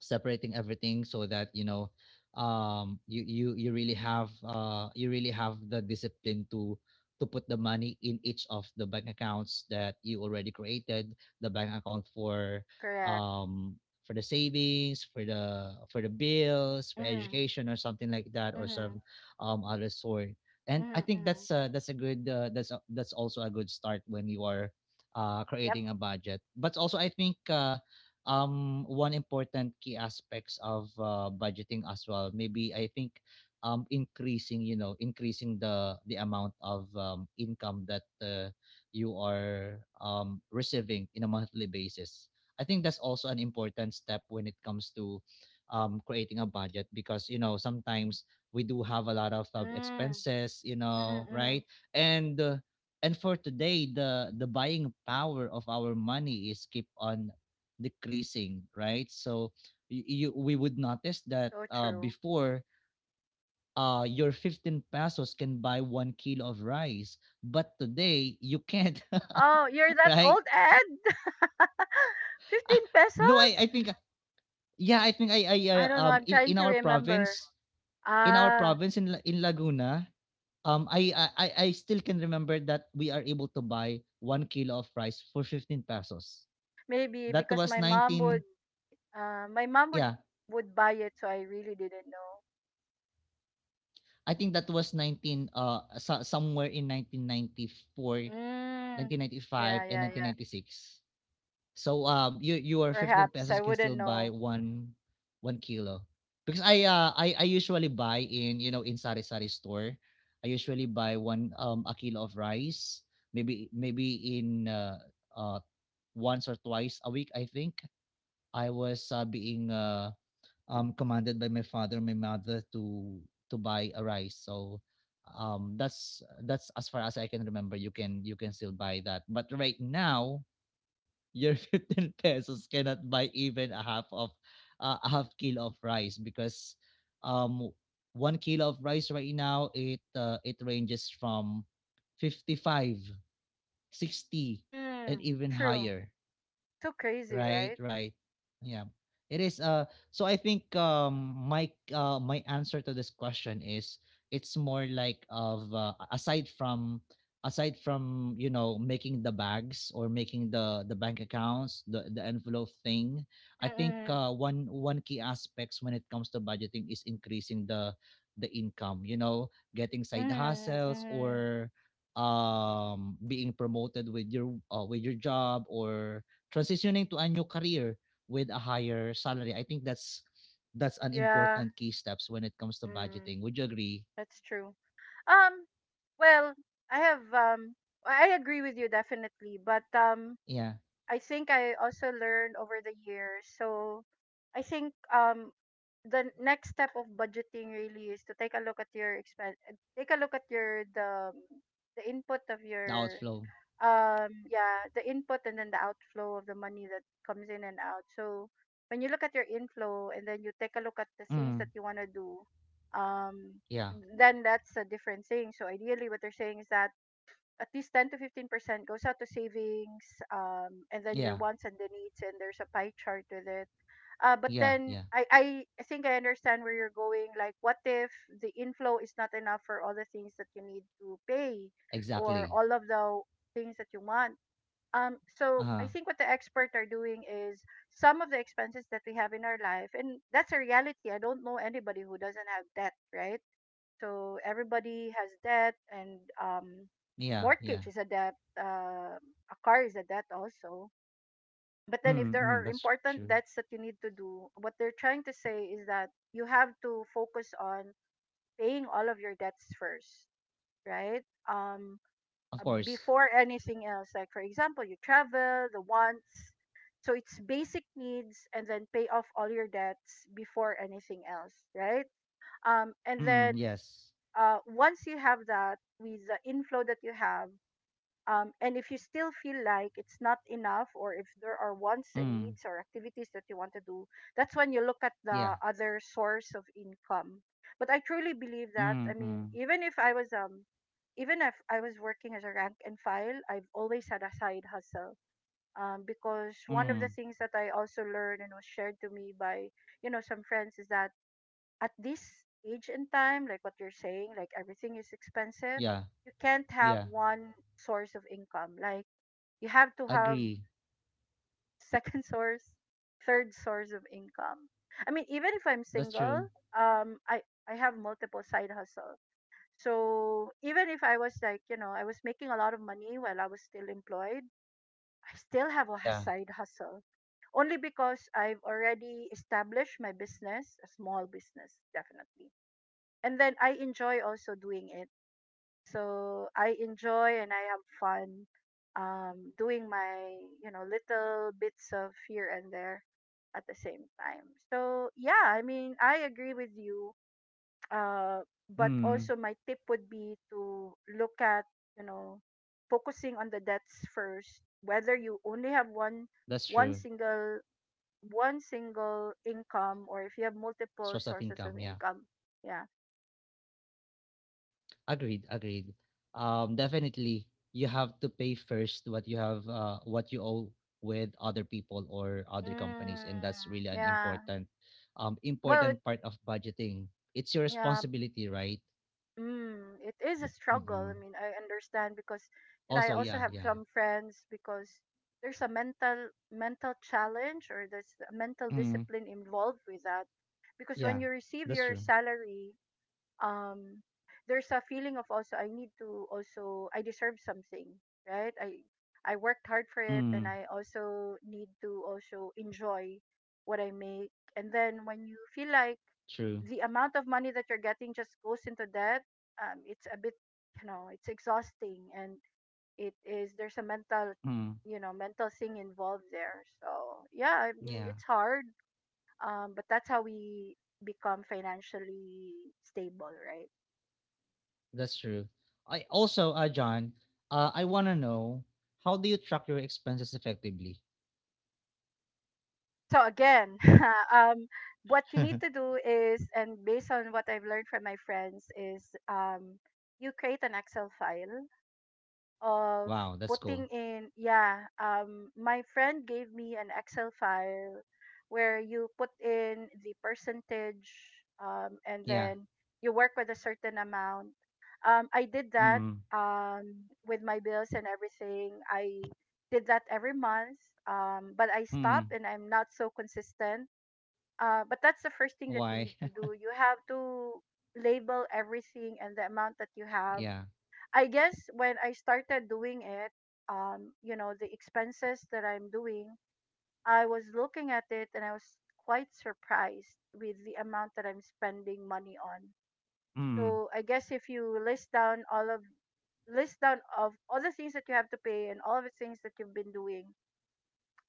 [SPEAKER 1] separating everything, so that you really have the discipline to put the money in each of the bank accounts that you already created the bank account for,
[SPEAKER 2] Correct.
[SPEAKER 1] um for the savings, for the bills, for
[SPEAKER 2] Mm-hmm.
[SPEAKER 1] education or something like that, or
[SPEAKER 2] Mm-hmm.
[SPEAKER 1] some other sort. And I
[SPEAKER 2] Mm-hmm.
[SPEAKER 1] think
[SPEAKER 2] Mm-hmm.
[SPEAKER 1] that's, that's a good that's a, that's also a good start when you are
[SPEAKER 2] Yep.
[SPEAKER 1] creating a budget. But also I think, one important key aspects of, budgeting as well, maybe I think, increasing you know increasing the amount of, income that, you are receiving in a monthly basis. I think that's also an important step when it comes to creating a budget, because sometimes we do have a lot of
[SPEAKER 2] Mm,
[SPEAKER 1] expenses,
[SPEAKER 2] mm-hmm, mm-hmm.
[SPEAKER 1] right. And uh, and for today, the buying power of our money is keep on decreasing, right? So y- you we would notice that,
[SPEAKER 2] So true.
[SPEAKER 1] before, your 15 pesos can buy 1 kilo of rice, but today you can't,
[SPEAKER 2] Oh, you're that
[SPEAKER 1] right?
[SPEAKER 2] old, Ed? 15
[SPEAKER 1] Ah, no, I,
[SPEAKER 2] pesos?
[SPEAKER 1] I think, yeah, I think I
[SPEAKER 2] I don't know. I'm
[SPEAKER 1] in,
[SPEAKER 2] trying
[SPEAKER 1] in
[SPEAKER 2] to
[SPEAKER 1] our
[SPEAKER 2] remember.
[SPEAKER 1] province in our
[SPEAKER 2] Ah,
[SPEAKER 1] province in Laguna, I still can remember that we are able to buy 1 kilo of rice for 15 pesos.
[SPEAKER 2] maybe
[SPEAKER 1] That
[SPEAKER 2] because
[SPEAKER 1] was 19,
[SPEAKER 2] my mom would
[SPEAKER 1] yeah,
[SPEAKER 2] buy it, so I really didn't know.
[SPEAKER 1] I think that was 19 so, somewhere in 1994,
[SPEAKER 2] Mm.
[SPEAKER 1] 1995,
[SPEAKER 2] Yeah,
[SPEAKER 1] and
[SPEAKER 2] yeah, yeah.
[SPEAKER 1] 1996. So your 15
[SPEAKER 2] Perhaps
[SPEAKER 1] pesos
[SPEAKER 2] I
[SPEAKER 1] can
[SPEAKER 2] wouldn't
[SPEAKER 1] still buy
[SPEAKER 2] know.
[SPEAKER 1] one kilo because I usually buy in, in sari sari store. I usually buy one a kilo of rice maybe maybe in uh once or twice a week. I think I was being commanded by my mother to buy a rice. So that's as far as I can remember. You can still buy that, but right now your 15 pesos cannot buy even a half of a half kilo of rice because um one kilo of rice right now, it it ranges from 55, 60, and
[SPEAKER 2] Mm.
[SPEAKER 1] even
[SPEAKER 2] True.
[SPEAKER 1] higher.
[SPEAKER 2] So crazy,
[SPEAKER 1] Right,
[SPEAKER 2] right?
[SPEAKER 1] right. Yeah. It is so I think my answer to this question is it's more like of aside from making the bags or making the bank accounts, the envelope thing. I think
[SPEAKER 2] Mm.
[SPEAKER 1] one key aspects when it comes to budgeting is increasing the income, you know, getting side
[SPEAKER 2] Mm. Mm.
[SPEAKER 1] hustles
[SPEAKER 2] mm.
[SPEAKER 1] or being promoted with your job or transitioning to a new career with a higher salary. I think that's an
[SPEAKER 2] Yeah.
[SPEAKER 1] important key steps when it comes to
[SPEAKER 2] Mm.
[SPEAKER 1] budgeting. Would you agree?
[SPEAKER 2] That's true. Um, well, I have I agree with you definitely, but
[SPEAKER 1] Yeah,
[SPEAKER 2] I think I also learned over the years. So I think the next step of budgeting really is to take a look at your expense, take a look at your the input of
[SPEAKER 1] the
[SPEAKER 2] your
[SPEAKER 1] outflow.
[SPEAKER 2] yeah, the input and then the outflow of the money that comes in and out. So when you look at your inflow and then you take a look at the
[SPEAKER 1] Mm,
[SPEAKER 2] things that you want to do, um
[SPEAKER 1] yeah,
[SPEAKER 2] then that's a different thing. So ideally what they're saying is that at least 10 to 15% goes out to savings, and then your
[SPEAKER 1] yeah,
[SPEAKER 2] wants and the needs, and there's a pie chart with it. But
[SPEAKER 1] yeah,
[SPEAKER 2] then
[SPEAKER 1] yeah.
[SPEAKER 2] I think I understand where you're going, like what if the inflow is not enough for all the things that you need to pay or
[SPEAKER 1] Exactly.
[SPEAKER 2] all of the things that you want. Um, so
[SPEAKER 1] Uh
[SPEAKER 2] I
[SPEAKER 1] huh.
[SPEAKER 2] think what the experts are doing is some of the expenses that we have in our life, and that's a reality. I don't know anybody who doesn't have debt, right? So everybody has debt, and
[SPEAKER 1] Yeah, yeah.
[SPEAKER 2] mortgage is a debt, a car is a debt also. But then, if
[SPEAKER 1] Mm,
[SPEAKER 2] there are
[SPEAKER 1] mm, that's
[SPEAKER 2] important
[SPEAKER 1] true.
[SPEAKER 2] debts that you need to do, what they're trying to say is that you have to focus on paying all of your debts first, right? Um,
[SPEAKER 1] Of course.
[SPEAKER 2] before anything else. Like, for example, you travel, the wants. So it's basic needs and then pay off all your debts before anything else, right? And
[SPEAKER 1] Mm,
[SPEAKER 2] then
[SPEAKER 1] yes.
[SPEAKER 2] Once you have that with the inflow that you have, and if you still feel like it's not enough, or if there are wants and
[SPEAKER 1] Mm,
[SPEAKER 2] needs or activities that you want to do, that's when you look at
[SPEAKER 1] yeah.
[SPEAKER 2] the other source of income. But I truly believe that. I
[SPEAKER 1] Mm,
[SPEAKER 2] mean,
[SPEAKER 1] mm,
[SPEAKER 2] even if I was even if I was working as a rank and file, I've always had a side hustle. Because one of the
[SPEAKER 1] mm.
[SPEAKER 2] things that I also learned and was shared to me by, you know, some friends is that at this age and time, like what you're saying, like everything is expensive,
[SPEAKER 1] Yeah,
[SPEAKER 2] you can't have
[SPEAKER 1] yeah.
[SPEAKER 2] one source of income. Like you have to have
[SPEAKER 1] Agree.
[SPEAKER 2] second source, third source of income. I mean, even if I'm
[SPEAKER 1] That's
[SPEAKER 2] single,
[SPEAKER 1] true.
[SPEAKER 2] um, I I have multiple side hustle. So even if I was like, you know, I was making a lot of money while I was still employed, I still have a
[SPEAKER 1] Yeah.
[SPEAKER 2] side hustle. Only because I've already established my business, a small business, definitely, and then I enjoy also doing it. So I enjoy and I have fun doing my, you know, little bits of here and there at the same time. So yeah, I mean, I agree with you. Uh but also
[SPEAKER 1] Mm,
[SPEAKER 2] my tip would be to look at, you know, focusing on the debts first, whether you only have
[SPEAKER 1] that's
[SPEAKER 2] one
[SPEAKER 1] true.
[SPEAKER 2] single one single income or if you have multiple
[SPEAKER 1] Source of
[SPEAKER 2] sources of
[SPEAKER 1] income. Yeah.
[SPEAKER 2] income. Yeah.
[SPEAKER 1] Agreed, agreed. Definitely, you have to pay first what you have, what you owe with other people or other companies,
[SPEAKER 2] Mm,
[SPEAKER 1] and that's really an
[SPEAKER 2] yeah. Well, it,
[SPEAKER 1] important part of budgeting. It's your
[SPEAKER 2] yeah.
[SPEAKER 1] responsibility, right?
[SPEAKER 2] Mm, it is a struggle. I
[SPEAKER 1] Mm-mm.
[SPEAKER 2] mean, I understand because, you know, I
[SPEAKER 1] Also,
[SPEAKER 2] also
[SPEAKER 1] yeah,
[SPEAKER 2] have
[SPEAKER 1] yeah.
[SPEAKER 2] some friends because there's a mental challenge or there's a mental
[SPEAKER 1] Mm.
[SPEAKER 2] discipline involved with that. Because
[SPEAKER 1] Yeah.
[SPEAKER 2] when you receive
[SPEAKER 1] That's
[SPEAKER 2] your
[SPEAKER 1] true.
[SPEAKER 2] salary, um there's a feeling of also I need to, also I deserve something, right? I worked hard for it and
[SPEAKER 1] Mm.
[SPEAKER 2] I also need to also enjoy what I make. And then when you feel like
[SPEAKER 1] True.
[SPEAKER 2] the amount of money that you're getting just goes into that, it's a bit, you know, it's exhausting, and it is there's a mental,
[SPEAKER 1] Mm.
[SPEAKER 2] you know, mental thing involved there. So yeah, I mean,
[SPEAKER 1] Yeah,
[SPEAKER 2] it's hard. But that's how we become financially stable, right?
[SPEAKER 1] that's true. I also, John, I want to know, how do you track your expenses effectively?
[SPEAKER 2] So again um what you need to do is, and based on what I've learned from my friends is, you create an Excel file of
[SPEAKER 1] Wow, that's cool.
[SPEAKER 2] putting in, yeah, my friend gave me an Excel file where you put in the percentage, and
[SPEAKER 1] Yeah.
[SPEAKER 2] then you work with a certain amount. I did that,
[SPEAKER 1] Mm.
[SPEAKER 2] um with my bills and everything. I did that every month, but I
[SPEAKER 1] Hmm,
[SPEAKER 2] stopped and I'm not so consistent. But that's the first thing that you
[SPEAKER 1] why?
[SPEAKER 2] need to do. You have to label everything and the amount that you have.
[SPEAKER 1] Yeah.
[SPEAKER 2] I guess when I started doing it, you know, the expenses that I'm doing, I was looking at it and I was quite surprised with the amount that I'm spending money on.
[SPEAKER 1] Hmm.
[SPEAKER 2] So I guess if you list down of all the things that you have to pay and all of the things that you've been doing,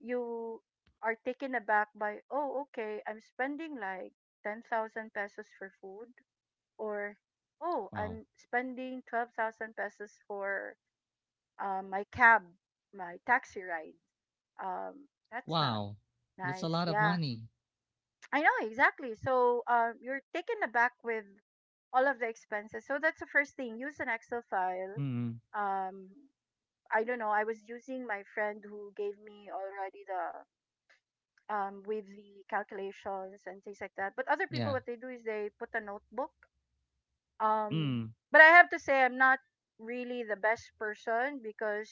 [SPEAKER 2] you are taken aback by, oh, okay, I'm spending like 10,000 pesos for food, or oh,
[SPEAKER 1] Wow.
[SPEAKER 2] I'm spending 12,000 pesos for my cab, my taxi ride. That's not
[SPEAKER 1] Wow. That's a
[SPEAKER 2] nice.
[SPEAKER 1] lot of
[SPEAKER 2] Yeah,
[SPEAKER 1] money.
[SPEAKER 2] I know exactly. So you're taken aback with all of the expenses. So that's the first thing. Use an Excel file.
[SPEAKER 1] Hmm.
[SPEAKER 2] Um, I don't know. I was using my friend who gave me already the with the calculations and things like that. But other people,
[SPEAKER 1] Yeah.
[SPEAKER 2] what they do is they put a notebook. Um,
[SPEAKER 1] Hmm.
[SPEAKER 2] but I have to say, I'm not really the best person because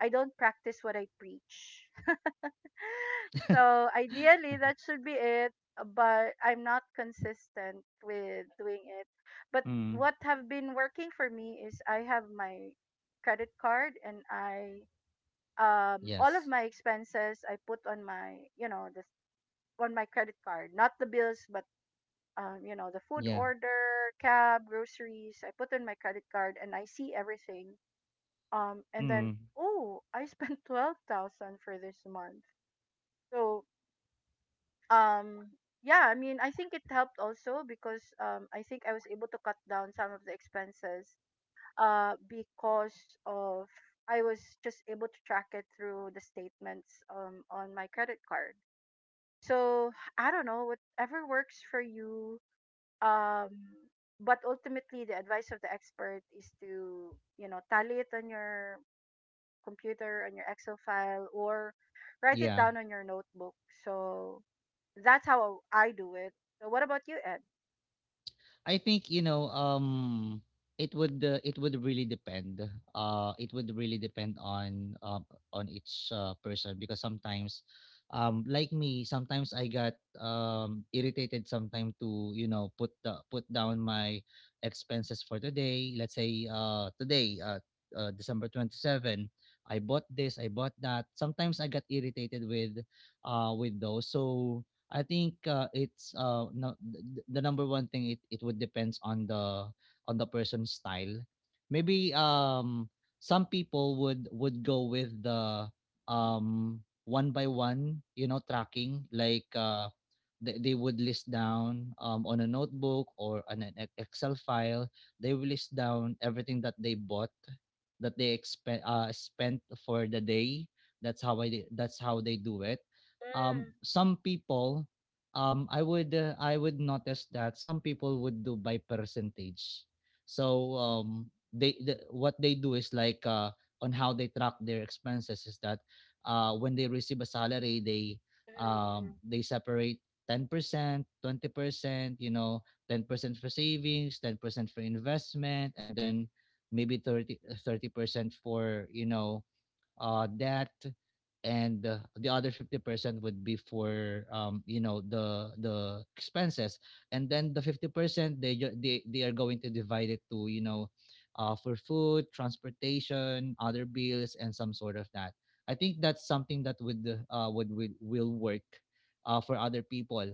[SPEAKER 2] I don't practice what I preach. So ideally that should be it, but I'm not consistent with doing it. But
[SPEAKER 1] Hmm.
[SPEAKER 2] what have been working for me is I have my credit card, and I, all of
[SPEAKER 1] Yes.
[SPEAKER 2] my expenses I put on my, you know, this on my credit card, not the bills, but you know, the food
[SPEAKER 1] Yeah.
[SPEAKER 2] order, cab, groceries, I put on my credit card and I see everything, and then,
[SPEAKER 1] Hmm.
[SPEAKER 2] oh, I spent 12,000 for this month. So, um yeah, I mean, I think it helped also because I think I was able to cut down some of the expenses, because of, I was just able to track it through the statements on my credit card. So, I don't know, whatever works for you. um but ultimately the advice of the expert is to, you know, tally it on your computer, on your Excel file, or write it
[SPEAKER 1] Yeah.
[SPEAKER 2] down on your notebook. So that's how I do it. So what about you, Ed?
[SPEAKER 1] I think, it would really depend on each person. Because sometimes, like me, sometimes I got irritated sometimes to, you know, put down my expenses for today. Let's say today December 27, I bought this, I bought that. Sometimes I got irritated with those. So I think it's no, the number one thing, it would depends on the person's style. Maybe some people would go with the um one by one, you know, tracking, like they would list down on a notebook or on an Excel file. They will list down everything that they bought, that they spent for the day. That's how they do it. Some people, I would notice that some people would do by percentage. So what they do is like, on how they track their expenses is that when they receive a salary,
[SPEAKER 2] Mm-hmm. Mm-hmm.
[SPEAKER 1] they separate 10%, 20%, you know, 10% for savings, 10% for investment, and then maybe 30% for, you know, that. And the other 50% would be for, you know, the expenses. And then the 50%, they they are going to divide it to, you know, for food, transportation, other bills, and some sort of that. I think that's something that would will work for other people.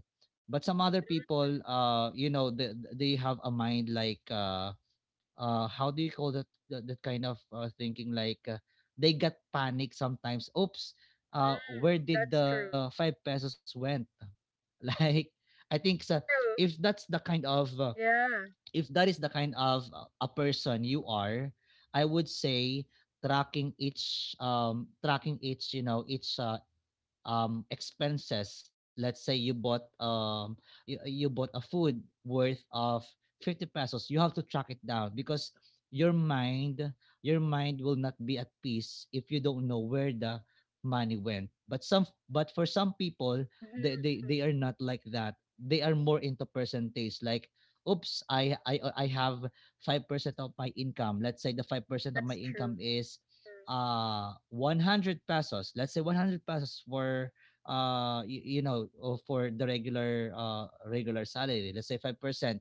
[SPEAKER 1] But some other people, you know, they have a mind like, how do you call that, that kind of thinking, like, they got panic sometimes, oops, where did
[SPEAKER 2] That's
[SPEAKER 1] the
[SPEAKER 2] true.
[SPEAKER 1] 5 pesos went? Like, I think sa, if
[SPEAKER 2] True.
[SPEAKER 1] that's the kind of
[SPEAKER 2] Yeah.
[SPEAKER 1] if that is the kind of a person you are, I would say tracking each, expenses. Let's say you bought, you bought a food worth of 50 pesos, you have to track it down, because your mind, your mind will not be at peace if you don't know where the money went. But some but for some people,
[SPEAKER 2] Mm-hmm. Mm-hmm.
[SPEAKER 1] they are not like that. They are more into percentage, like, oops, I have 5% of my income. Let's say the 5% of my
[SPEAKER 2] That's true.
[SPEAKER 1] income is 100 pesos. Let's say 100 pesos for you know, for the regular regular salary. Let's say 5%,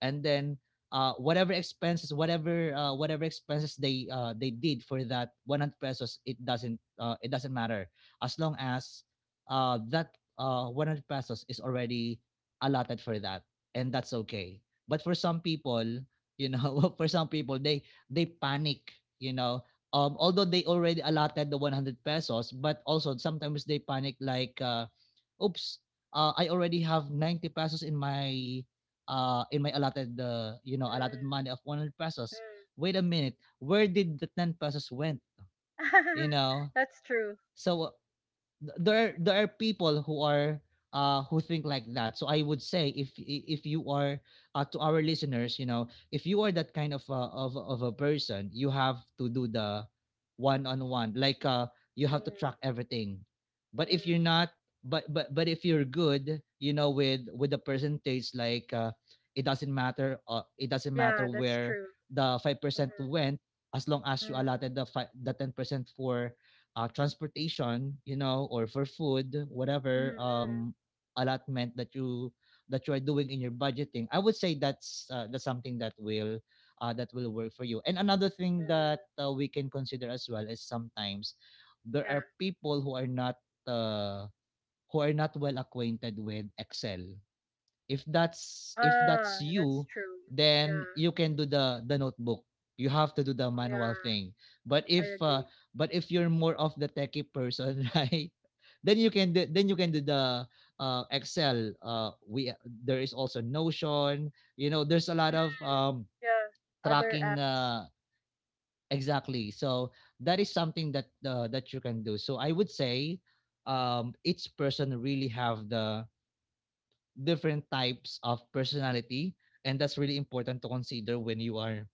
[SPEAKER 1] and then whatever expenses they did for that 100 pesos, it doesn't matter, as long as that 100 pesos is already allotted for that, and that's okay. But for some people, you know, for some people they panic, you know. Although they already allotted the 100 pesos, but also sometimes they panic like, oops, I already have 90 pesos in my allotted, you know, allotted money of 100 pesos. Wait a minute, where did the 10 pesos went? You
[SPEAKER 2] Mm-hmm.
[SPEAKER 1] know.
[SPEAKER 2] that's true.
[SPEAKER 1] So there are people who are who think like that. So I would say, if you are, to our listeners, you know, if you are that kind of of a person, you have to do the one on one, like, you have to
[SPEAKER 2] Mm-hmm.
[SPEAKER 1] track everything. But if you're
[SPEAKER 2] Mm-hmm.
[SPEAKER 1] not, but if you're good, you know, with the percentage, like, it doesn't matter,
[SPEAKER 2] Yeah, that's
[SPEAKER 1] where
[SPEAKER 2] true.
[SPEAKER 1] the 5%
[SPEAKER 2] Mm-hmm.
[SPEAKER 1] went, as long as you
[SPEAKER 2] Mm-hmm.
[SPEAKER 1] allotted the 10% for transportation, you know, or for food, whatever,
[SPEAKER 2] Mm-hmm,
[SPEAKER 1] allotment that you, that you are doing in your budgeting. I would say that's something that will, that will work for you. And another thing that
[SPEAKER 2] mm-hmm.
[SPEAKER 1] we can consider as well is sometimes there
[SPEAKER 2] Yeah.
[SPEAKER 1] are people who are not, uh, who are not well acquainted with Excel. If that's if that's
[SPEAKER 2] Ah,
[SPEAKER 1] you,
[SPEAKER 2] that's true.
[SPEAKER 1] then
[SPEAKER 2] Yeah.
[SPEAKER 1] you can do the notebook, you have to do the manual
[SPEAKER 2] Yeah.
[SPEAKER 1] thing. But
[SPEAKER 2] I
[SPEAKER 1] if
[SPEAKER 2] agree.
[SPEAKER 1] but if you're more of the techie person, right, then you can do, then you can do the Excel. We There is also notion, you know, there's a lot
[SPEAKER 2] Mm.
[SPEAKER 1] of,
[SPEAKER 2] Yeah. Other
[SPEAKER 1] tracking,
[SPEAKER 2] apps.
[SPEAKER 1] exactly. So that is something that that you can do. So I would say, each person really have the different types of personality, and that's really important to consider when you are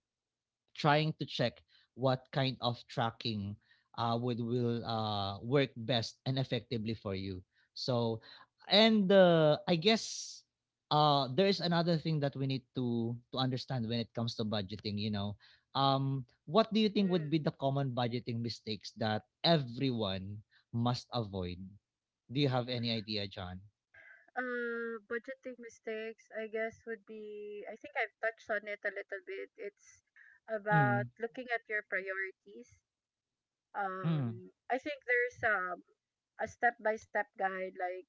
[SPEAKER 1] trying to check what kind of tracking would will work best and effectively for you. So, and I guess there is another thing that we need to understand when it comes to budgeting, you know. um what do you think would
[SPEAKER 2] Mm-hmm.
[SPEAKER 1] be the common budgeting mistakes that everyone must avoid? Do you have any idea, John?
[SPEAKER 2] Budgeting mistakes, I guess, would be, I think I've touched on it a little bit. It's about
[SPEAKER 1] Mm,
[SPEAKER 2] looking at your priorities.
[SPEAKER 1] mm.
[SPEAKER 2] I think there's a step by step guide, like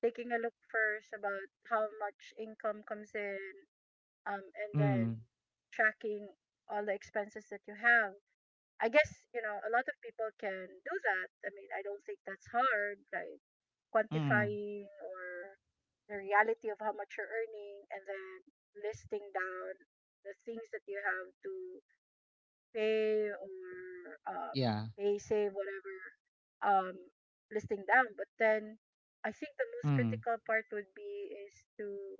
[SPEAKER 2] taking a look first about how much income comes in, and then
[SPEAKER 1] Mm,
[SPEAKER 2] tracking all the expenses that you have. I guess, you know, a lot of people can do that. I mean, I don't think that's hard, like
[SPEAKER 1] mm,
[SPEAKER 2] quantifying or the reality of how much you're earning and then listing down the things that you have to pay or um,
[SPEAKER 1] yeah,
[SPEAKER 2] pay, save, whatever, um, listing down. But then I think the most
[SPEAKER 1] mm,
[SPEAKER 2] critical part would be is to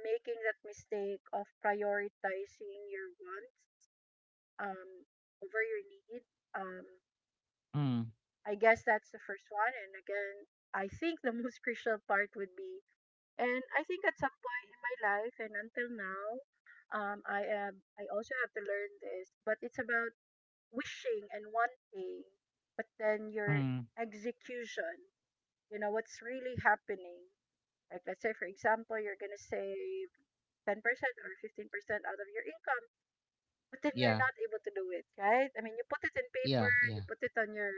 [SPEAKER 2] making that mistake of prioritizing your wants um, over your need. Um,
[SPEAKER 1] mm,
[SPEAKER 2] I guess that's the first one. And again, I think the most crucial part would be, and I think at some point in my life and until now, I am, I also have to learn this, but it's about wishing and wanting, but then your
[SPEAKER 1] mm,
[SPEAKER 2] execution, you know, what's really happening. Like, let's say, for example, you're going to save 10% or 15% out of your income, but then
[SPEAKER 1] yeah,
[SPEAKER 2] you're not able to do it, right? I mean, you put it in
[SPEAKER 1] yeah,
[SPEAKER 2] paper,
[SPEAKER 1] yeah,
[SPEAKER 2] you put it on your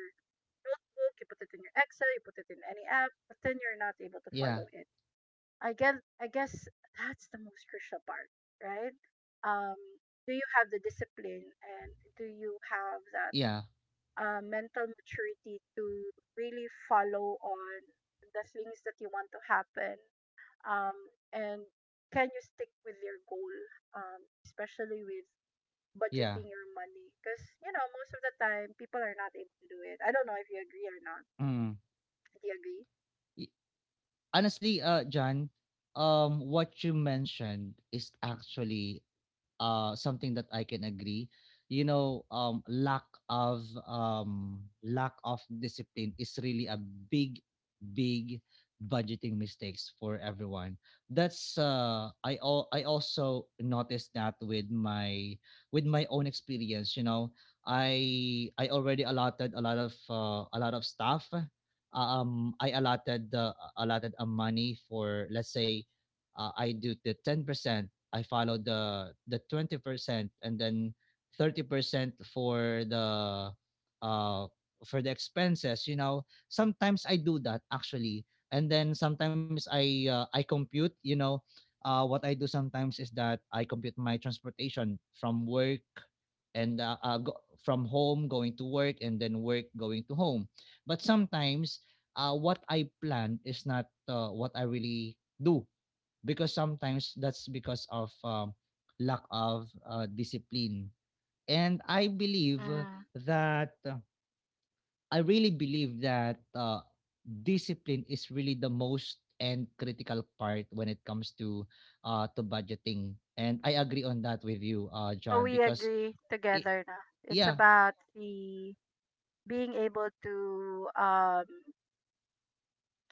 [SPEAKER 2] notebook, you put it in your Excel, you put it in any app, but then you're not able to
[SPEAKER 1] yeah,
[SPEAKER 2] follow it. I guess that's the most crucial part, right? Um, do you have the discipline and do you have that
[SPEAKER 1] yeah,
[SPEAKER 2] mental maturity to really follow on the things that you want to happen? Um, and can you stick with your goal, especially with
[SPEAKER 1] yeah,
[SPEAKER 2] budgeting your money? Because most of the time people are not able to do it. I don't know if you agree or not.
[SPEAKER 1] mm.
[SPEAKER 2] Do you agree?
[SPEAKER 1] Y- honestly, John, what you mentioned is actually something that I can agree. You know, lack of discipline is really a big, big budgeting mistakes for everyone. That's I also noticed that with my, with my own experience, you know. I already allotted a lot of stuff. I allotted the allotted a money for, let's say, I do the 10%, I followed the 20%, and then 30% for the, uh for the expenses, you know. Sometimes I do that actually. And then sometimes I, I compute, you know, what I do sometimes is that I compute my transportation from work, and from home going to work, and then work going to home. But sometimes what I plan is not what I really do, because sometimes that's because of lack of discipline. And I believe
[SPEAKER 2] Mm.
[SPEAKER 1] that, I really believe that discipline is really the most and critical part when it comes to budgeting, and I agree on that with you,
[SPEAKER 2] So
[SPEAKER 1] John.
[SPEAKER 2] we
[SPEAKER 1] Because
[SPEAKER 2] agree
[SPEAKER 1] it,
[SPEAKER 2] together na. It's
[SPEAKER 1] yeah,
[SPEAKER 2] about the being able to um,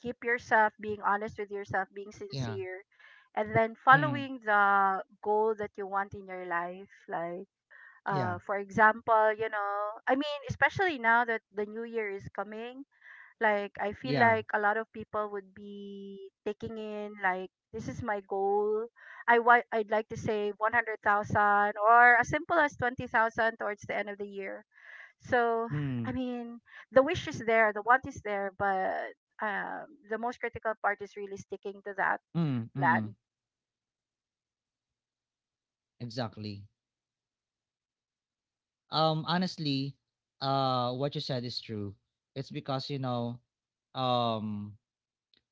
[SPEAKER 2] keep yourself, being honest with yourself, being
[SPEAKER 1] yeah,
[SPEAKER 2] sincere, and then
[SPEAKER 1] mm,
[SPEAKER 2] following the goal that you want in your life. Like,
[SPEAKER 1] yeah,
[SPEAKER 2] for example, I mean, especially now that the new year is coming, like I feel
[SPEAKER 1] yeah,
[SPEAKER 2] like a lot of people would be taking in like this is my goal. I'd like to save 100,000 or as simple as 20,000 towards the end of the year. So, I
[SPEAKER 1] mm,
[SPEAKER 2] mean, the wish is there, the want is there, but um, the most critical part is really sticking to that
[SPEAKER 1] mm, mm,
[SPEAKER 2] plan.
[SPEAKER 1] exactly. Honestly, what you said is true. It's because, you know, um,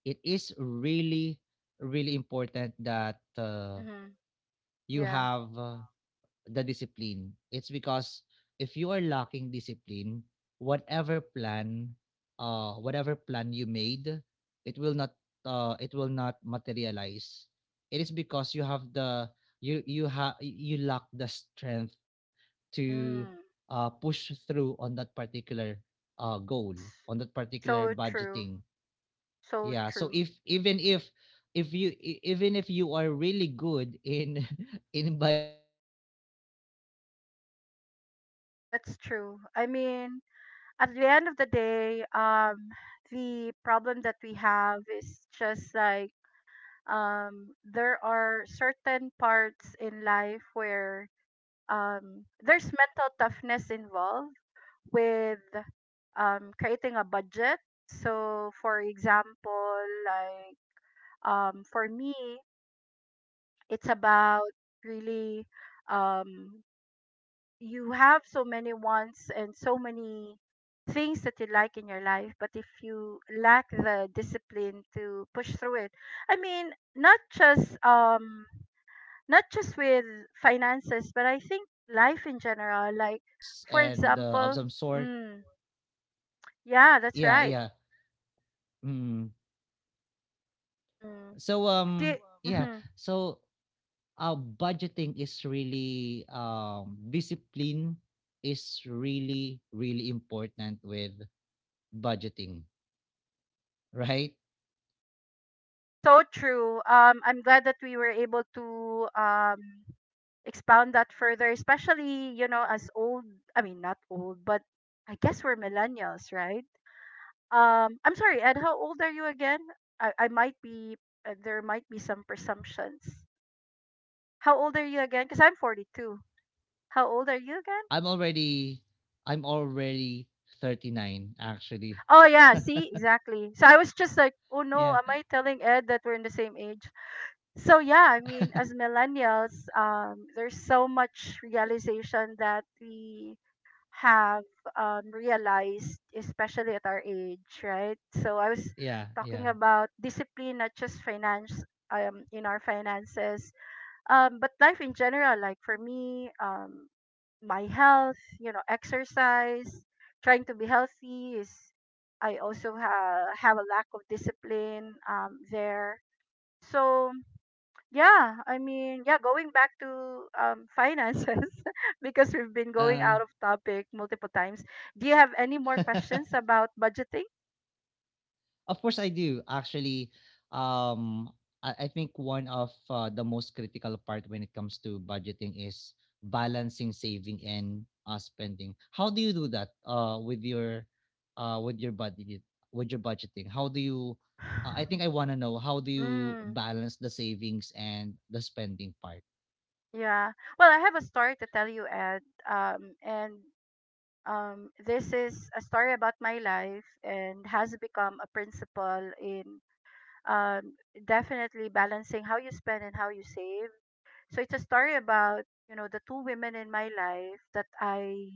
[SPEAKER 1] it is really, really important that
[SPEAKER 2] Hmm.
[SPEAKER 1] you
[SPEAKER 2] Yeah.
[SPEAKER 1] have the discipline. It's because if you are lacking discipline, whatever plan, whatever plan you made, it will not, it will not materialize. It is because you have the you have you lack the strength to
[SPEAKER 2] Mm.
[SPEAKER 1] uh, push through on that particular goal on that particular
[SPEAKER 2] So true.
[SPEAKER 1] budgeting.
[SPEAKER 2] So
[SPEAKER 1] Yeah, so
[SPEAKER 2] true.
[SPEAKER 1] if even if you e- even if you are really good in in budgeting, you have a high iq when it comes to
[SPEAKER 2] That's true. I
[SPEAKER 1] computation of some
[SPEAKER 2] mean,
[SPEAKER 1] sort,
[SPEAKER 2] at the
[SPEAKER 1] but
[SPEAKER 2] end of the
[SPEAKER 1] it
[SPEAKER 2] day,
[SPEAKER 1] doesn't really matter if
[SPEAKER 2] the problem that
[SPEAKER 1] you
[SPEAKER 2] we
[SPEAKER 1] know
[SPEAKER 2] have is
[SPEAKER 1] you
[SPEAKER 2] just
[SPEAKER 1] have
[SPEAKER 2] like,
[SPEAKER 1] a if you have
[SPEAKER 2] there are
[SPEAKER 1] if
[SPEAKER 2] certain
[SPEAKER 1] you have
[SPEAKER 2] parts in life
[SPEAKER 1] um
[SPEAKER 2] where,
[SPEAKER 1] it doesn't really
[SPEAKER 2] there's
[SPEAKER 1] matter
[SPEAKER 2] mental
[SPEAKER 1] if
[SPEAKER 2] toughness involved
[SPEAKER 1] it doesn't really
[SPEAKER 2] with
[SPEAKER 1] matter if you have a
[SPEAKER 2] creating a budget.
[SPEAKER 1] low
[SPEAKER 2] So, for example, like,
[SPEAKER 1] it
[SPEAKER 2] for
[SPEAKER 1] doesn't
[SPEAKER 2] me,
[SPEAKER 1] really matter if
[SPEAKER 2] it's
[SPEAKER 1] you
[SPEAKER 2] about
[SPEAKER 1] have a
[SPEAKER 2] really,
[SPEAKER 1] you are
[SPEAKER 2] um,
[SPEAKER 1] lacking some kind of
[SPEAKER 2] you have so many
[SPEAKER 1] discipline,
[SPEAKER 2] wants and so
[SPEAKER 1] right?
[SPEAKER 2] many
[SPEAKER 1] And so I
[SPEAKER 2] things that you
[SPEAKER 1] guess,
[SPEAKER 2] like
[SPEAKER 1] yeah,
[SPEAKER 2] in your life, but if you lack
[SPEAKER 1] so
[SPEAKER 2] the
[SPEAKER 1] right now I
[SPEAKER 2] discipline
[SPEAKER 1] guess
[SPEAKER 2] to push through it. I
[SPEAKER 1] I
[SPEAKER 2] mean,
[SPEAKER 1] think
[SPEAKER 2] not
[SPEAKER 1] I guess
[SPEAKER 2] just
[SPEAKER 1] that's pretty
[SPEAKER 2] um
[SPEAKER 1] much
[SPEAKER 2] not just with
[SPEAKER 1] about the
[SPEAKER 2] finances, but I think
[SPEAKER 1] budgeting
[SPEAKER 2] life in general. Like,
[SPEAKER 1] tips
[SPEAKER 2] for
[SPEAKER 1] and of
[SPEAKER 2] example,
[SPEAKER 1] some sort.
[SPEAKER 2] mm, yeah, that's
[SPEAKER 1] Yeah,
[SPEAKER 2] right.
[SPEAKER 1] yeah. Mm.
[SPEAKER 2] Mm.
[SPEAKER 1] So
[SPEAKER 2] Do you,
[SPEAKER 1] yeah,
[SPEAKER 2] mhm.
[SPEAKER 1] so budgeting is really, discipline is really, really important with budgeting, right?
[SPEAKER 2] So true. I'm glad that we were able to expound that further, especially, as old, I mean, not old, but I guess we're millennials, right? I'm sorry, Ed, how old are you again? I might be, there might be some presumptions. How old are you again? Because I'm 42. How old are you again?
[SPEAKER 1] I'm already, I'm already 39, actually.
[SPEAKER 2] Oh, yeah, see, exactly. So I was just like, oh no,
[SPEAKER 1] Yeah.
[SPEAKER 2] am I telling Ed that we're in the same age? So yeah, I mean, as millennials, there's so much realization that we have realized, especially at our age, right? So I was
[SPEAKER 1] Yeah, yeah.
[SPEAKER 2] talking about discipline, not just finance, in our finances, but life in general. Like for me, my health, exercise, trying to be healthy is. I also have a lack of discipline, there. So yeah, I mean, yeah, going back to, finances, because we've been going
[SPEAKER 1] Uh.
[SPEAKER 2] out of topic multiple times. Do you have any more questions about budgeting?
[SPEAKER 1] Of course I do. Actually, um, I think one of the most critical part when it comes to budgeting is balancing saving and spending. How do you do that with your budget with your budgeting? How do you, I think I want to know, how do you
[SPEAKER 2] Mm,
[SPEAKER 1] balance the savings and the spending part?
[SPEAKER 2] yeah. Well, I have a story to tell you, Ed. And this is a story about my life and has become a principle in, um, definitely balancing how you spend and how you save. So it's a story about, the two women in my life that I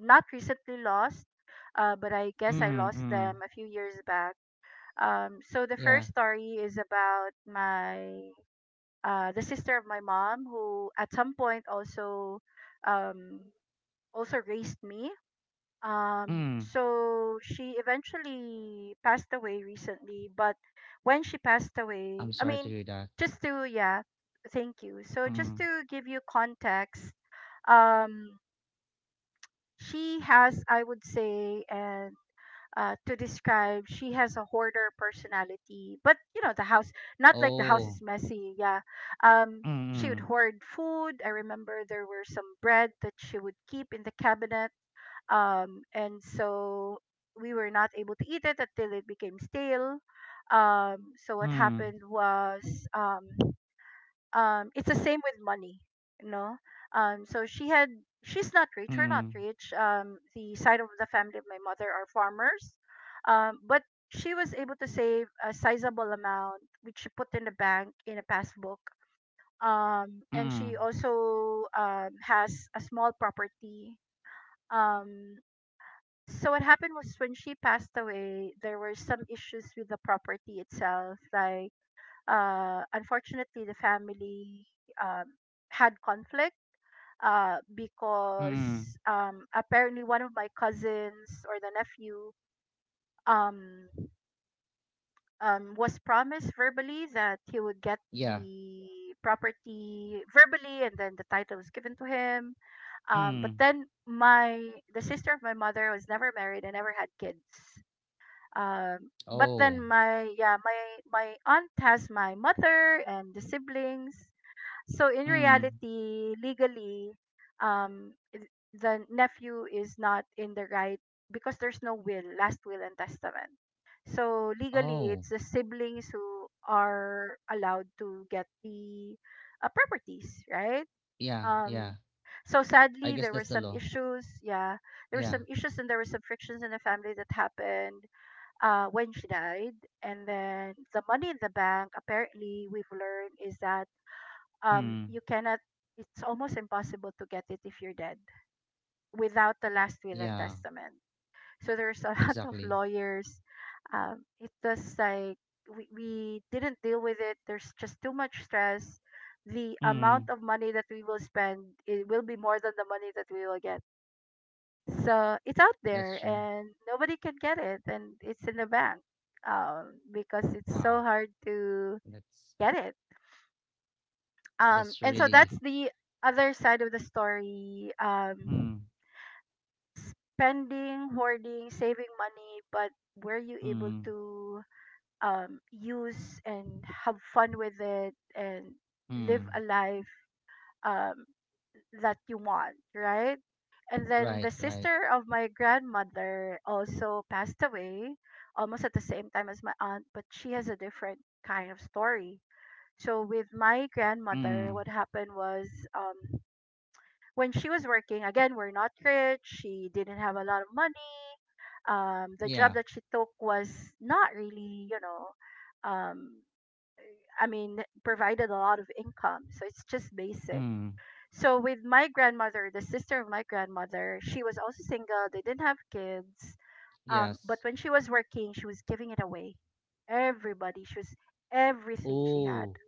[SPEAKER 2] not recently lost, but I guess I
[SPEAKER 1] Mm,
[SPEAKER 2] lost
[SPEAKER 1] mm,
[SPEAKER 2] them a few years back. So the
[SPEAKER 1] yeah.
[SPEAKER 2] first story is about my the sister of my mom who at some point um, also raised me.
[SPEAKER 1] Mm.
[SPEAKER 2] So she eventually passed away recently, but when she passed
[SPEAKER 1] I'm
[SPEAKER 2] away, I
[SPEAKER 1] sorry to
[SPEAKER 2] mean,
[SPEAKER 1] hear that.
[SPEAKER 2] just to yeah, thank you. So just
[SPEAKER 1] Mm.
[SPEAKER 2] to give you context, um, she has, I would say, and to describe, she has a hoarder personality, but the house, not like the house
[SPEAKER 1] Oh.
[SPEAKER 2] is messy, yeah. um she would
[SPEAKER 1] Mm,
[SPEAKER 2] hoard food. I remember there were some bread that she would keep in the cabinet. And so we were not able to eat it until it became stale. um so
[SPEAKER 1] mm,
[SPEAKER 2] what
[SPEAKER 1] mm,
[SPEAKER 2] happened was, it's the same with money. you know um so she had she's not rich. We're not
[SPEAKER 1] mm,
[SPEAKER 2] rich. The side of the family of my mother are farmers. But she was able to save a sizable amount, which she put in the bank in a passbook. And she
[SPEAKER 1] mm,
[SPEAKER 2] also, has a small property. um so what happened was, when she passed away, there were some issues with the property itself, like, unfortunately, the family, um, had conflict,
[SPEAKER 1] mm.
[SPEAKER 2] because, apparently one of my cousins or the nephew, um, was promised verbally that he would get
[SPEAKER 1] Yeah.
[SPEAKER 2] the property verbally, and then the title was given to him. But
[SPEAKER 1] Mm.
[SPEAKER 2] then my the sister of my mother was never married and never had kids. But then
[SPEAKER 1] Oh.
[SPEAKER 2] my aunt has my mother and the siblings. So in
[SPEAKER 1] Mm.
[SPEAKER 2] reality, legally, the nephew is not in the right, because there's no will, last will and testament. So legally,
[SPEAKER 1] Oh.
[SPEAKER 2] it's the siblings who are allowed to get the, properties, right?
[SPEAKER 1] Yeah,
[SPEAKER 2] Um,
[SPEAKER 1] yeah.
[SPEAKER 2] so
[SPEAKER 1] I
[SPEAKER 2] sadly,
[SPEAKER 1] guess
[SPEAKER 2] there
[SPEAKER 1] that's
[SPEAKER 2] were
[SPEAKER 1] the
[SPEAKER 2] some
[SPEAKER 1] law.
[SPEAKER 2] issues. Yeah, there were
[SPEAKER 1] Yeah.
[SPEAKER 2] some issues and there were some frictions in the family that happened when she died. And then the money in the bank, apparently, we've learned is that,
[SPEAKER 1] Mm.
[SPEAKER 2] you cannot it's almost impossible to get it if you're dead without the last will and
[SPEAKER 1] Yeah.
[SPEAKER 2] testament. So there's a lot of
[SPEAKER 1] Exactly.
[SPEAKER 2] lawyers. It was like, we didn't deal with it. There's just too much stress. The amount
[SPEAKER 1] Mm.
[SPEAKER 2] of money that we will spend, it will be more than the money that we will get. So it's out
[SPEAKER 1] That's
[SPEAKER 2] there
[SPEAKER 1] true.
[SPEAKER 2] and nobody can get it, and it's in the bank. Because it's so
[SPEAKER 1] Wow.
[SPEAKER 2] hard to
[SPEAKER 1] That's
[SPEAKER 2] get it.
[SPEAKER 1] that's
[SPEAKER 2] And so
[SPEAKER 1] really
[SPEAKER 2] that's the other side of the story.
[SPEAKER 1] Mm.
[SPEAKER 2] Spending, hoarding, saving money, but were you able
[SPEAKER 1] Mm.
[SPEAKER 2] to use and have fun with it and live
[SPEAKER 1] Mm.
[SPEAKER 2] a life um that you want, right? And then
[SPEAKER 1] Right.
[SPEAKER 2] the
[SPEAKER 1] Right.
[SPEAKER 2] sister of my grandmother also passed away almost at the same time as my aunt, but she has a different kind of story. So with my grandmother,
[SPEAKER 1] Mm.
[SPEAKER 2] what happened was, um when she was working, again, we're not rich. She didn't have a lot of money. The job
[SPEAKER 1] Yeah.
[SPEAKER 2] that she took was not really, I mean, provided a lot of income. So it's just basic.
[SPEAKER 1] Mm.
[SPEAKER 2] So with my grandmother, the sister of my grandmother, she was also single. They didn't have kids. But
[SPEAKER 1] Yes.
[SPEAKER 2] when she was working, she was giving it away. Everybody, she was everything she had.
[SPEAKER 1] Oh.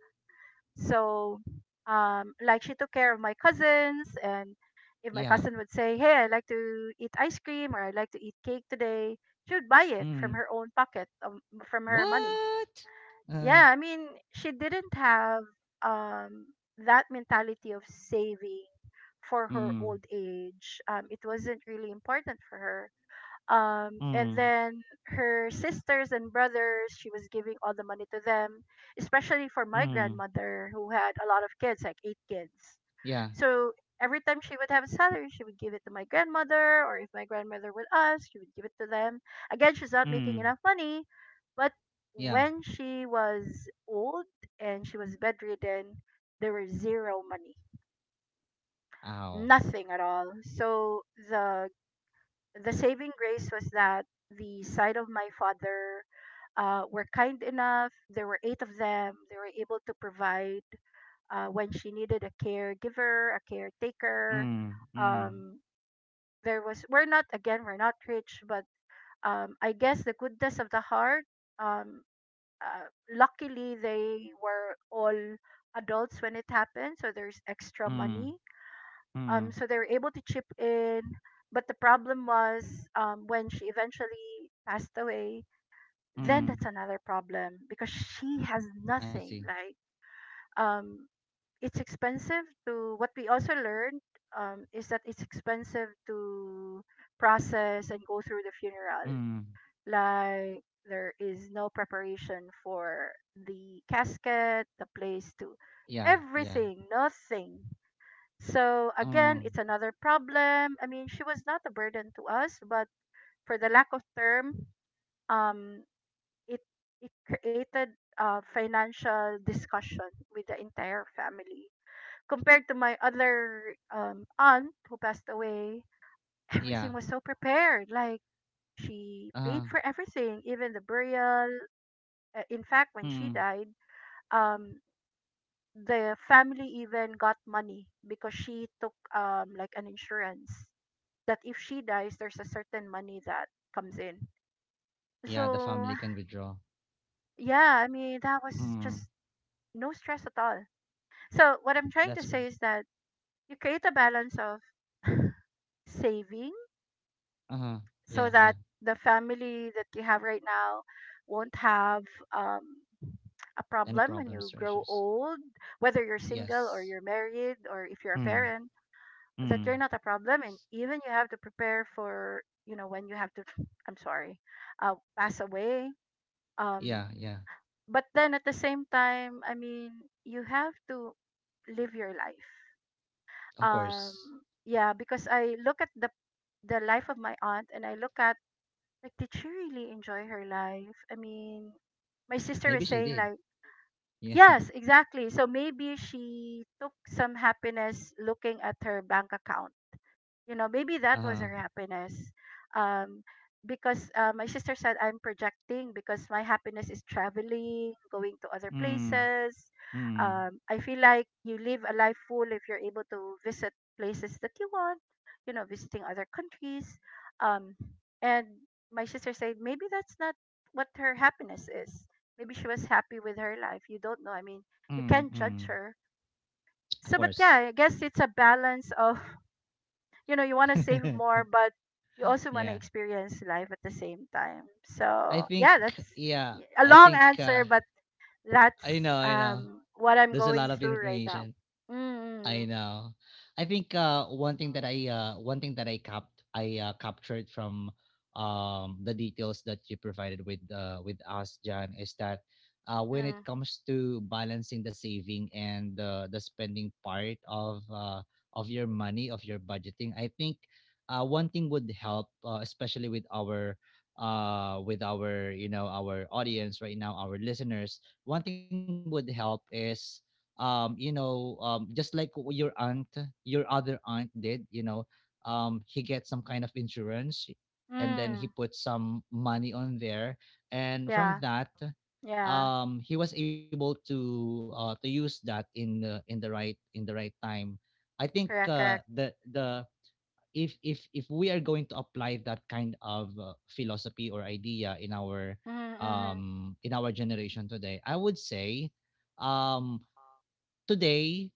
[SPEAKER 2] So, like she took care of my cousins, and if my
[SPEAKER 1] Yeah.
[SPEAKER 2] cousin would say, "Hey, I like to eat ice cream or I like to eat cake today," she would buy it from
[SPEAKER 1] Mm.
[SPEAKER 2] her own pocket, from her money.
[SPEAKER 1] What? Uh.
[SPEAKER 2] Yeah, I mean, she didn't have um that mentality of saving for her
[SPEAKER 1] Mm.
[SPEAKER 2] old age. It wasn't really important for her. And
[SPEAKER 1] Mm.
[SPEAKER 2] then her sisters and brothers, she was giving all the money to them, especially for my
[SPEAKER 1] Mm.
[SPEAKER 2] grandmother who had a lot of kids, like eight kids.
[SPEAKER 1] Yeah.
[SPEAKER 2] So every time she would have a salary, she would give it to my grandmother, or if my grandmother would ask, she would give it to them. Again, she's not making
[SPEAKER 1] Mm.
[SPEAKER 2] enough money. But
[SPEAKER 1] Yeah.
[SPEAKER 2] when she was old and she was bedridden, there was zero money,
[SPEAKER 1] Ow.
[SPEAKER 2] nothing at all. So the the saving grace was that the side of my father, were kind enough. There were eight of them. They were able to provide, when she needed a caregiver, a caretaker.
[SPEAKER 1] Mm. Mm.
[SPEAKER 2] Um, there was, we're not again we're not rich, but, I guess the goodness of the heart. Um, uh, Luckily, they were all adults when it happened, so there's extra
[SPEAKER 1] Mm,
[SPEAKER 2] money.
[SPEAKER 1] mm,
[SPEAKER 2] So they were able to chip in. But the problem was, when she eventually passed away, then
[SPEAKER 1] mm,
[SPEAKER 2] that's another problem, because she has
[SPEAKER 1] I
[SPEAKER 2] nothing.
[SPEAKER 1] see.
[SPEAKER 2] Like, um it's expensive to, what we also learned, is that it's expensive to process and go through the funeral.
[SPEAKER 1] Mm,
[SPEAKER 2] Like, there is no preparation for the casket, the place to,
[SPEAKER 1] yeah, yeah.
[SPEAKER 2] everything, nothing. So again,
[SPEAKER 1] Mm,
[SPEAKER 2] it's another problem. I mean, she was not a burden to us, but for the lack of term, um, it it created a financial discussion with the entire family. Compared to my other, aunt who passed away,
[SPEAKER 1] yeah.
[SPEAKER 2] everything was so prepared. Like, she paid
[SPEAKER 1] Uh,
[SPEAKER 2] for everything, even the burial. In fact, when she
[SPEAKER 1] mm,
[SPEAKER 2] died, um, the family even got money because she took, like an insurance that if she dies, there's a certain money that comes in.
[SPEAKER 1] yeah, the
[SPEAKER 2] So,
[SPEAKER 1] family can withdraw.
[SPEAKER 2] yeah, I mean, that was just
[SPEAKER 1] Mm,
[SPEAKER 2] no stress at all. So, what I'm trying to
[SPEAKER 1] let's go.
[SPEAKER 2] say is that you create a balance of saving,
[SPEAKER 1] Uh,
[SPEAKER 2] so
[SPEAKER 1] yeah,
[SPEAKER 2] that
[SPEAKER 1] yeah.
[SPEAKER 2] the family that you have right now won't have um, a
[SPEAKER 1] Any
[SPEAKER 2] problem when you
[SPEAKER 1] problems or
[SPEAKER 2] grow
[SPEAKER 1] issues?
[SPEAKER 2] old, whether you're single or
[SPEAKER 1] Yes.
[SPEAKER 2] you're married or if you're a
[SPEAKER 1] Mm,
[SPEAKER 2] parent, that
[SPEAKER 1] mm,
[SPEAKER 2] you're not a problem. And even you have to prepare for, when you have to, I'm sorry, pass away. Um,
[SPEAKER 1] yeah, yeah.
[SPEAKER 2] but then at the same time, I mean, you have to live your life.
[SPEAKER 1] Of course.
[SPEAKER 2] Um, yeah, because I look at the life of my aunt, and I look at, like, did she really enjoy her life? I mean, my sister
[SPEAKER 1] Maybe
[SPEAKER 2] was
[SPEAKER 1] she
[SPEAKER 2] saying,
[SPEAKER 1] did.
[SPEAKER 2] like,
[SPEAKER 1] Yeah.
[SPEAKER 2] yes, exactly. So maybe she took some happiness looking at her bank account, maybe that was
[SPEAKER 1] Uh,
[SPEAKER 2] her happiness. um because, my sister said I'm projecting, because my happiness is traveling, going to other
[SPEAKER 1] mm,
[SPEAKER 2] places.
[SPEAKER 1] mm,
[SPEAKER 2] I feel like you live a life full if you're able to visit places that you want, visiting other countries. um and my sister said maybe that's not what her happiness is. Maybe she was happy with her life, you don't know. I mean, you
[SPEAKER 1] mm,
[SPEAKER 2] can't judge
[SPEAKER 1] mm.
[SPEAKER 2] her.
[SPEAKER 1] Of
[SPEAKER 2] So but
[SPEAKER 1] course.
[SPEAKER 2] yeah, I guess it's a balance of, you want to save more, but you also want to
[SPEAKER 1] Yeah.
[SPEAKER 2] experience life at the same time.
[SPEAKER 1] I
[SPEAKER 2] So,
[SPEAKER 1] think,
[SPEAKER 2] yeah, that's
[SPEAKER 1] yeah,
[SPEAKER 2] a
[SPEAKER 1] I
[SPEAKER 2] long
[SPEAKER 1] think,
[SPEAKER 2] answer, but
[SPEAKER 1] I
[SPEAKER 2] that's,
[SPEAKER 1] know, I know
[SPEAKER 2] what I'm
[SPEAKER 1] there's a lot
[SPEAKER 2] going
[SPEAKER 1] of
[SPEAKER 2] through right now.
[SPEAKER 1] information. I
[SPEAKER 2] Mm,
[SPEAKER 1] know. I think, one thing that I one thing that I capped I captured from the details that you provided with us, John, is that when it
[SPEAKER 2] mm,
[SPEAKER 1] comes to balancing the saving and the spending part of your money, of your budgeting, I think one thing would help, especially with our with our, you know, our audience right now, our listeners, one thing would help is, you know, just like your aunt, your other aunt did, you know, he gets some kind of insurance, and then he
[SPEAKER 2] mm.
[SPEAKER 1] put some money on there, and from
[SPEAKER 2] Yeah,
[SPEAKER 1] that,
[SPEAKER 2] yeah,
[SPEAKER 1] he was able to use that in the in the right time. I think
[SPEAKER 2] correct, correct.
[SPEAKER 1] the if we are going to apply that kind of philosophy or idea
[SPEAKER 2] Mm, mm-hmm,
[SPEAKER 1] in our generation today, I would say, um today,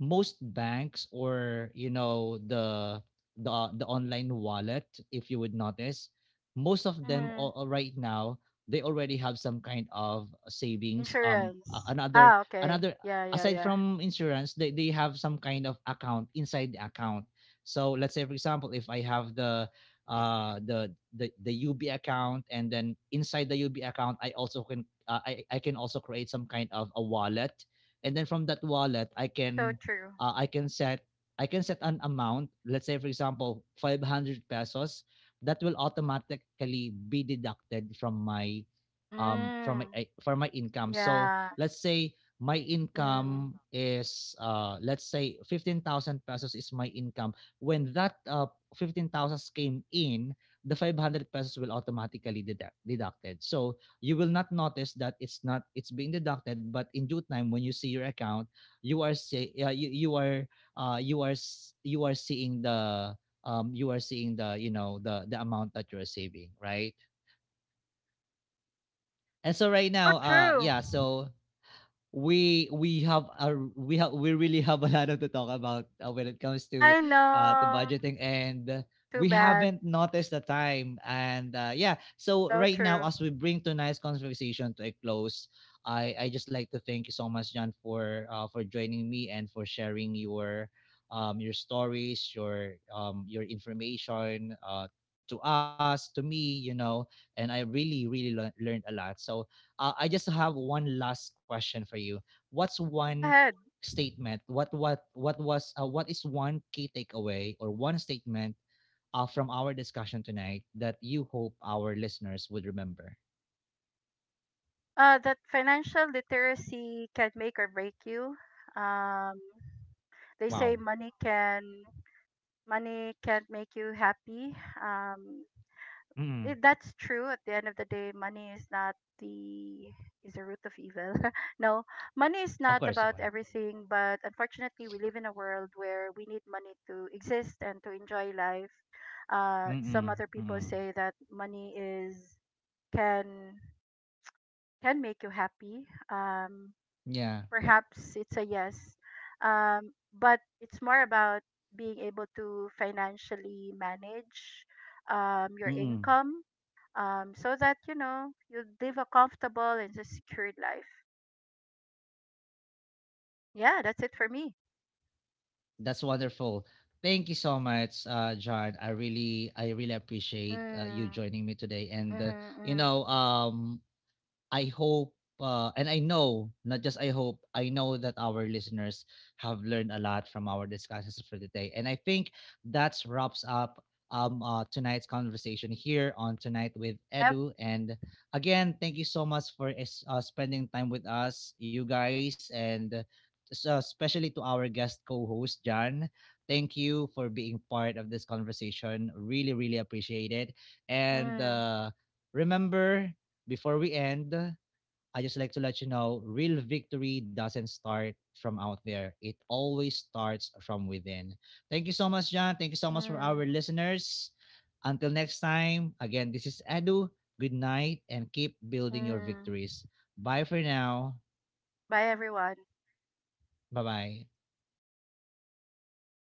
[SPEAKER 1] most banks, or you know, the online wallet, if you would notice, most of them
[SPEAKER 2] mm-hmm.
[SPEAKER 1] all right now, they already have some kind of savings,
[SPEAKER 2] Insurance.
[SPEAKER 1] another,
[SPEAKER 2] Ah, okay.
[SPEAKER 1] another
[SPEAKER 2] Yeah, yeah,
[SPEAKER 1] aside
[SPEAKER 2] yeah.
[SPEAKER 1] from insurance. They have some kind of account inside the account. So let's say, for example, if I have the uh the the ub account, and then inside the ub account, I also can, uh, I can also create some kind of a wallet, and then from that wallet I
[SPEAKER 2] So
[SPEAKER 1] can,
[SPEAKER 2] true.
[SPEAKER 1] I can set, I can set an amount, let's say for example, 500 pesos that will automatically be deducted from my from my
[SPEAKER 2] Mm,
[SPEAKER 1] from my income. So
[SPEAKER 2] yeah.
[SPEAKER 1] let's say my
[SPEAKER 2] Mm.
[SPEAKER 1] income is, uh, let's say, 15,000 pesos is my income. When that 15,000 came in, the 500 pesos will automatically deducted. So you will not notice that it's not it's being deducted, but in due time when you see your account, you are say, uh, you are you are you are seeing the you are seeing, the you know, the amount that you are saving, right? And so right
[SPEAKER 2] So
[SPEAKER 1] now, uh,
[SPEAKER 2] true.
[SPEAKER 1] yeah, so we have a, we really have a lot of to talk about when it comes
[SPEAKER 2] I
[SPEAKER 1] to
[SPEAKER 2] know.
[SPEAKER 1] budgeting, and
[SPEAKER 2] Too
[SPEAKER 1] we
[SPEAKER 2] bad.
[SPEAKER 1] haven't noticed the time, and yeah, so
[SPEAKER 2] So
[SPEAKER 1] right now,
[SPEAKER 2] true.
[SPEAKER 1] as we bring tonight's conversation to a close, I just like to thank you so much, John, for joining me and for sharing your, your stories, your, your information, to us, to me, you know. And I really, really learned a lot. So I just have one last question for you. What's
[SPEAKER 2] Go
[SPEAKER 1] one
[SPEAKER 2] ahead.
[SPEAKER 1] statement, what was, what is one key takeaway or one statement from our discussion tonight that you hope our listeners would remember?
[SPEAKER 2] That financial literacy can make or break you. Um, they
[SPEAKER 1] Wow.
[SPEAKER 2] say money can 't make you happy.
[SPEAKER 1] Mm.
[SPEAKER 2] That's true. At the end of the day, money is not the, is the root of evil. No, money is
[SPEAKER 1] Of
[SPEAKER 2] not
[SPEAKER 1] course.
[SPEAKER 2] about
[SPEAKER 1] Okay.
[SPEAKER 2] everything. But unfortunately, we live in a world where we need money to exist and to enjoy life. Some
[SPEAKER 1] Mm-mm.
[SPEAKER 2] other people
[SPEAKER 1] Mm-mm.
[SPEAKER 2] say that money is can can make you happy. Um,
[SPEAKER 1] Yeah.
[SPEAKER 2] Perhaps it's a yes. Um, but it's more about being able to financially manage your
[SPEAKER 1] Mm-mm.
[SPEAKER 2] income, so that, you live a comfortable and a secured life. Yeah, that's it for me.
[SPEAKER 1] That's wonderful. Thank you so much, John, I really, I really appreciate you
[SPEAKER 2] Mm,
[SPEAKER 1] joining me today, and
[SPEAKER 2] mm-hmm,
[SPEAKER 1] you
[SPEAKER 2] mm.
[SPEAKER 1] know, I hope, and I know, not just I hope, I know that our listeners have learned a lot from our discussions for today. And I think that wraps up, tonight's conversation here on Tonight with
[SPEAKER 2] Yep.
[SPEAKER 1] Edu. And again, thank you so much for spending time with us, you guys, and especially to our guest co host, John. Thank you for being part of this conversation. Really, really appreciate it. And
[SPEAKER 2] Mm,
[SPEAKER 1] remember, before we end, I just like to let you know, real victory doesn't start from out there. It always starts from within. Thank you so much, John. Thank you so much for
[SPEAKER 2] mm,
[SPEAKER 1] our listeners. Until next time, again, this is Edu. Good night and keep building your
[SPEAKER 2] mm.
[SPEAKER 1] victories. Bye for now.
[SPEAKER 2] Bye, everyone.
[SPEAKER 1] Bye bye.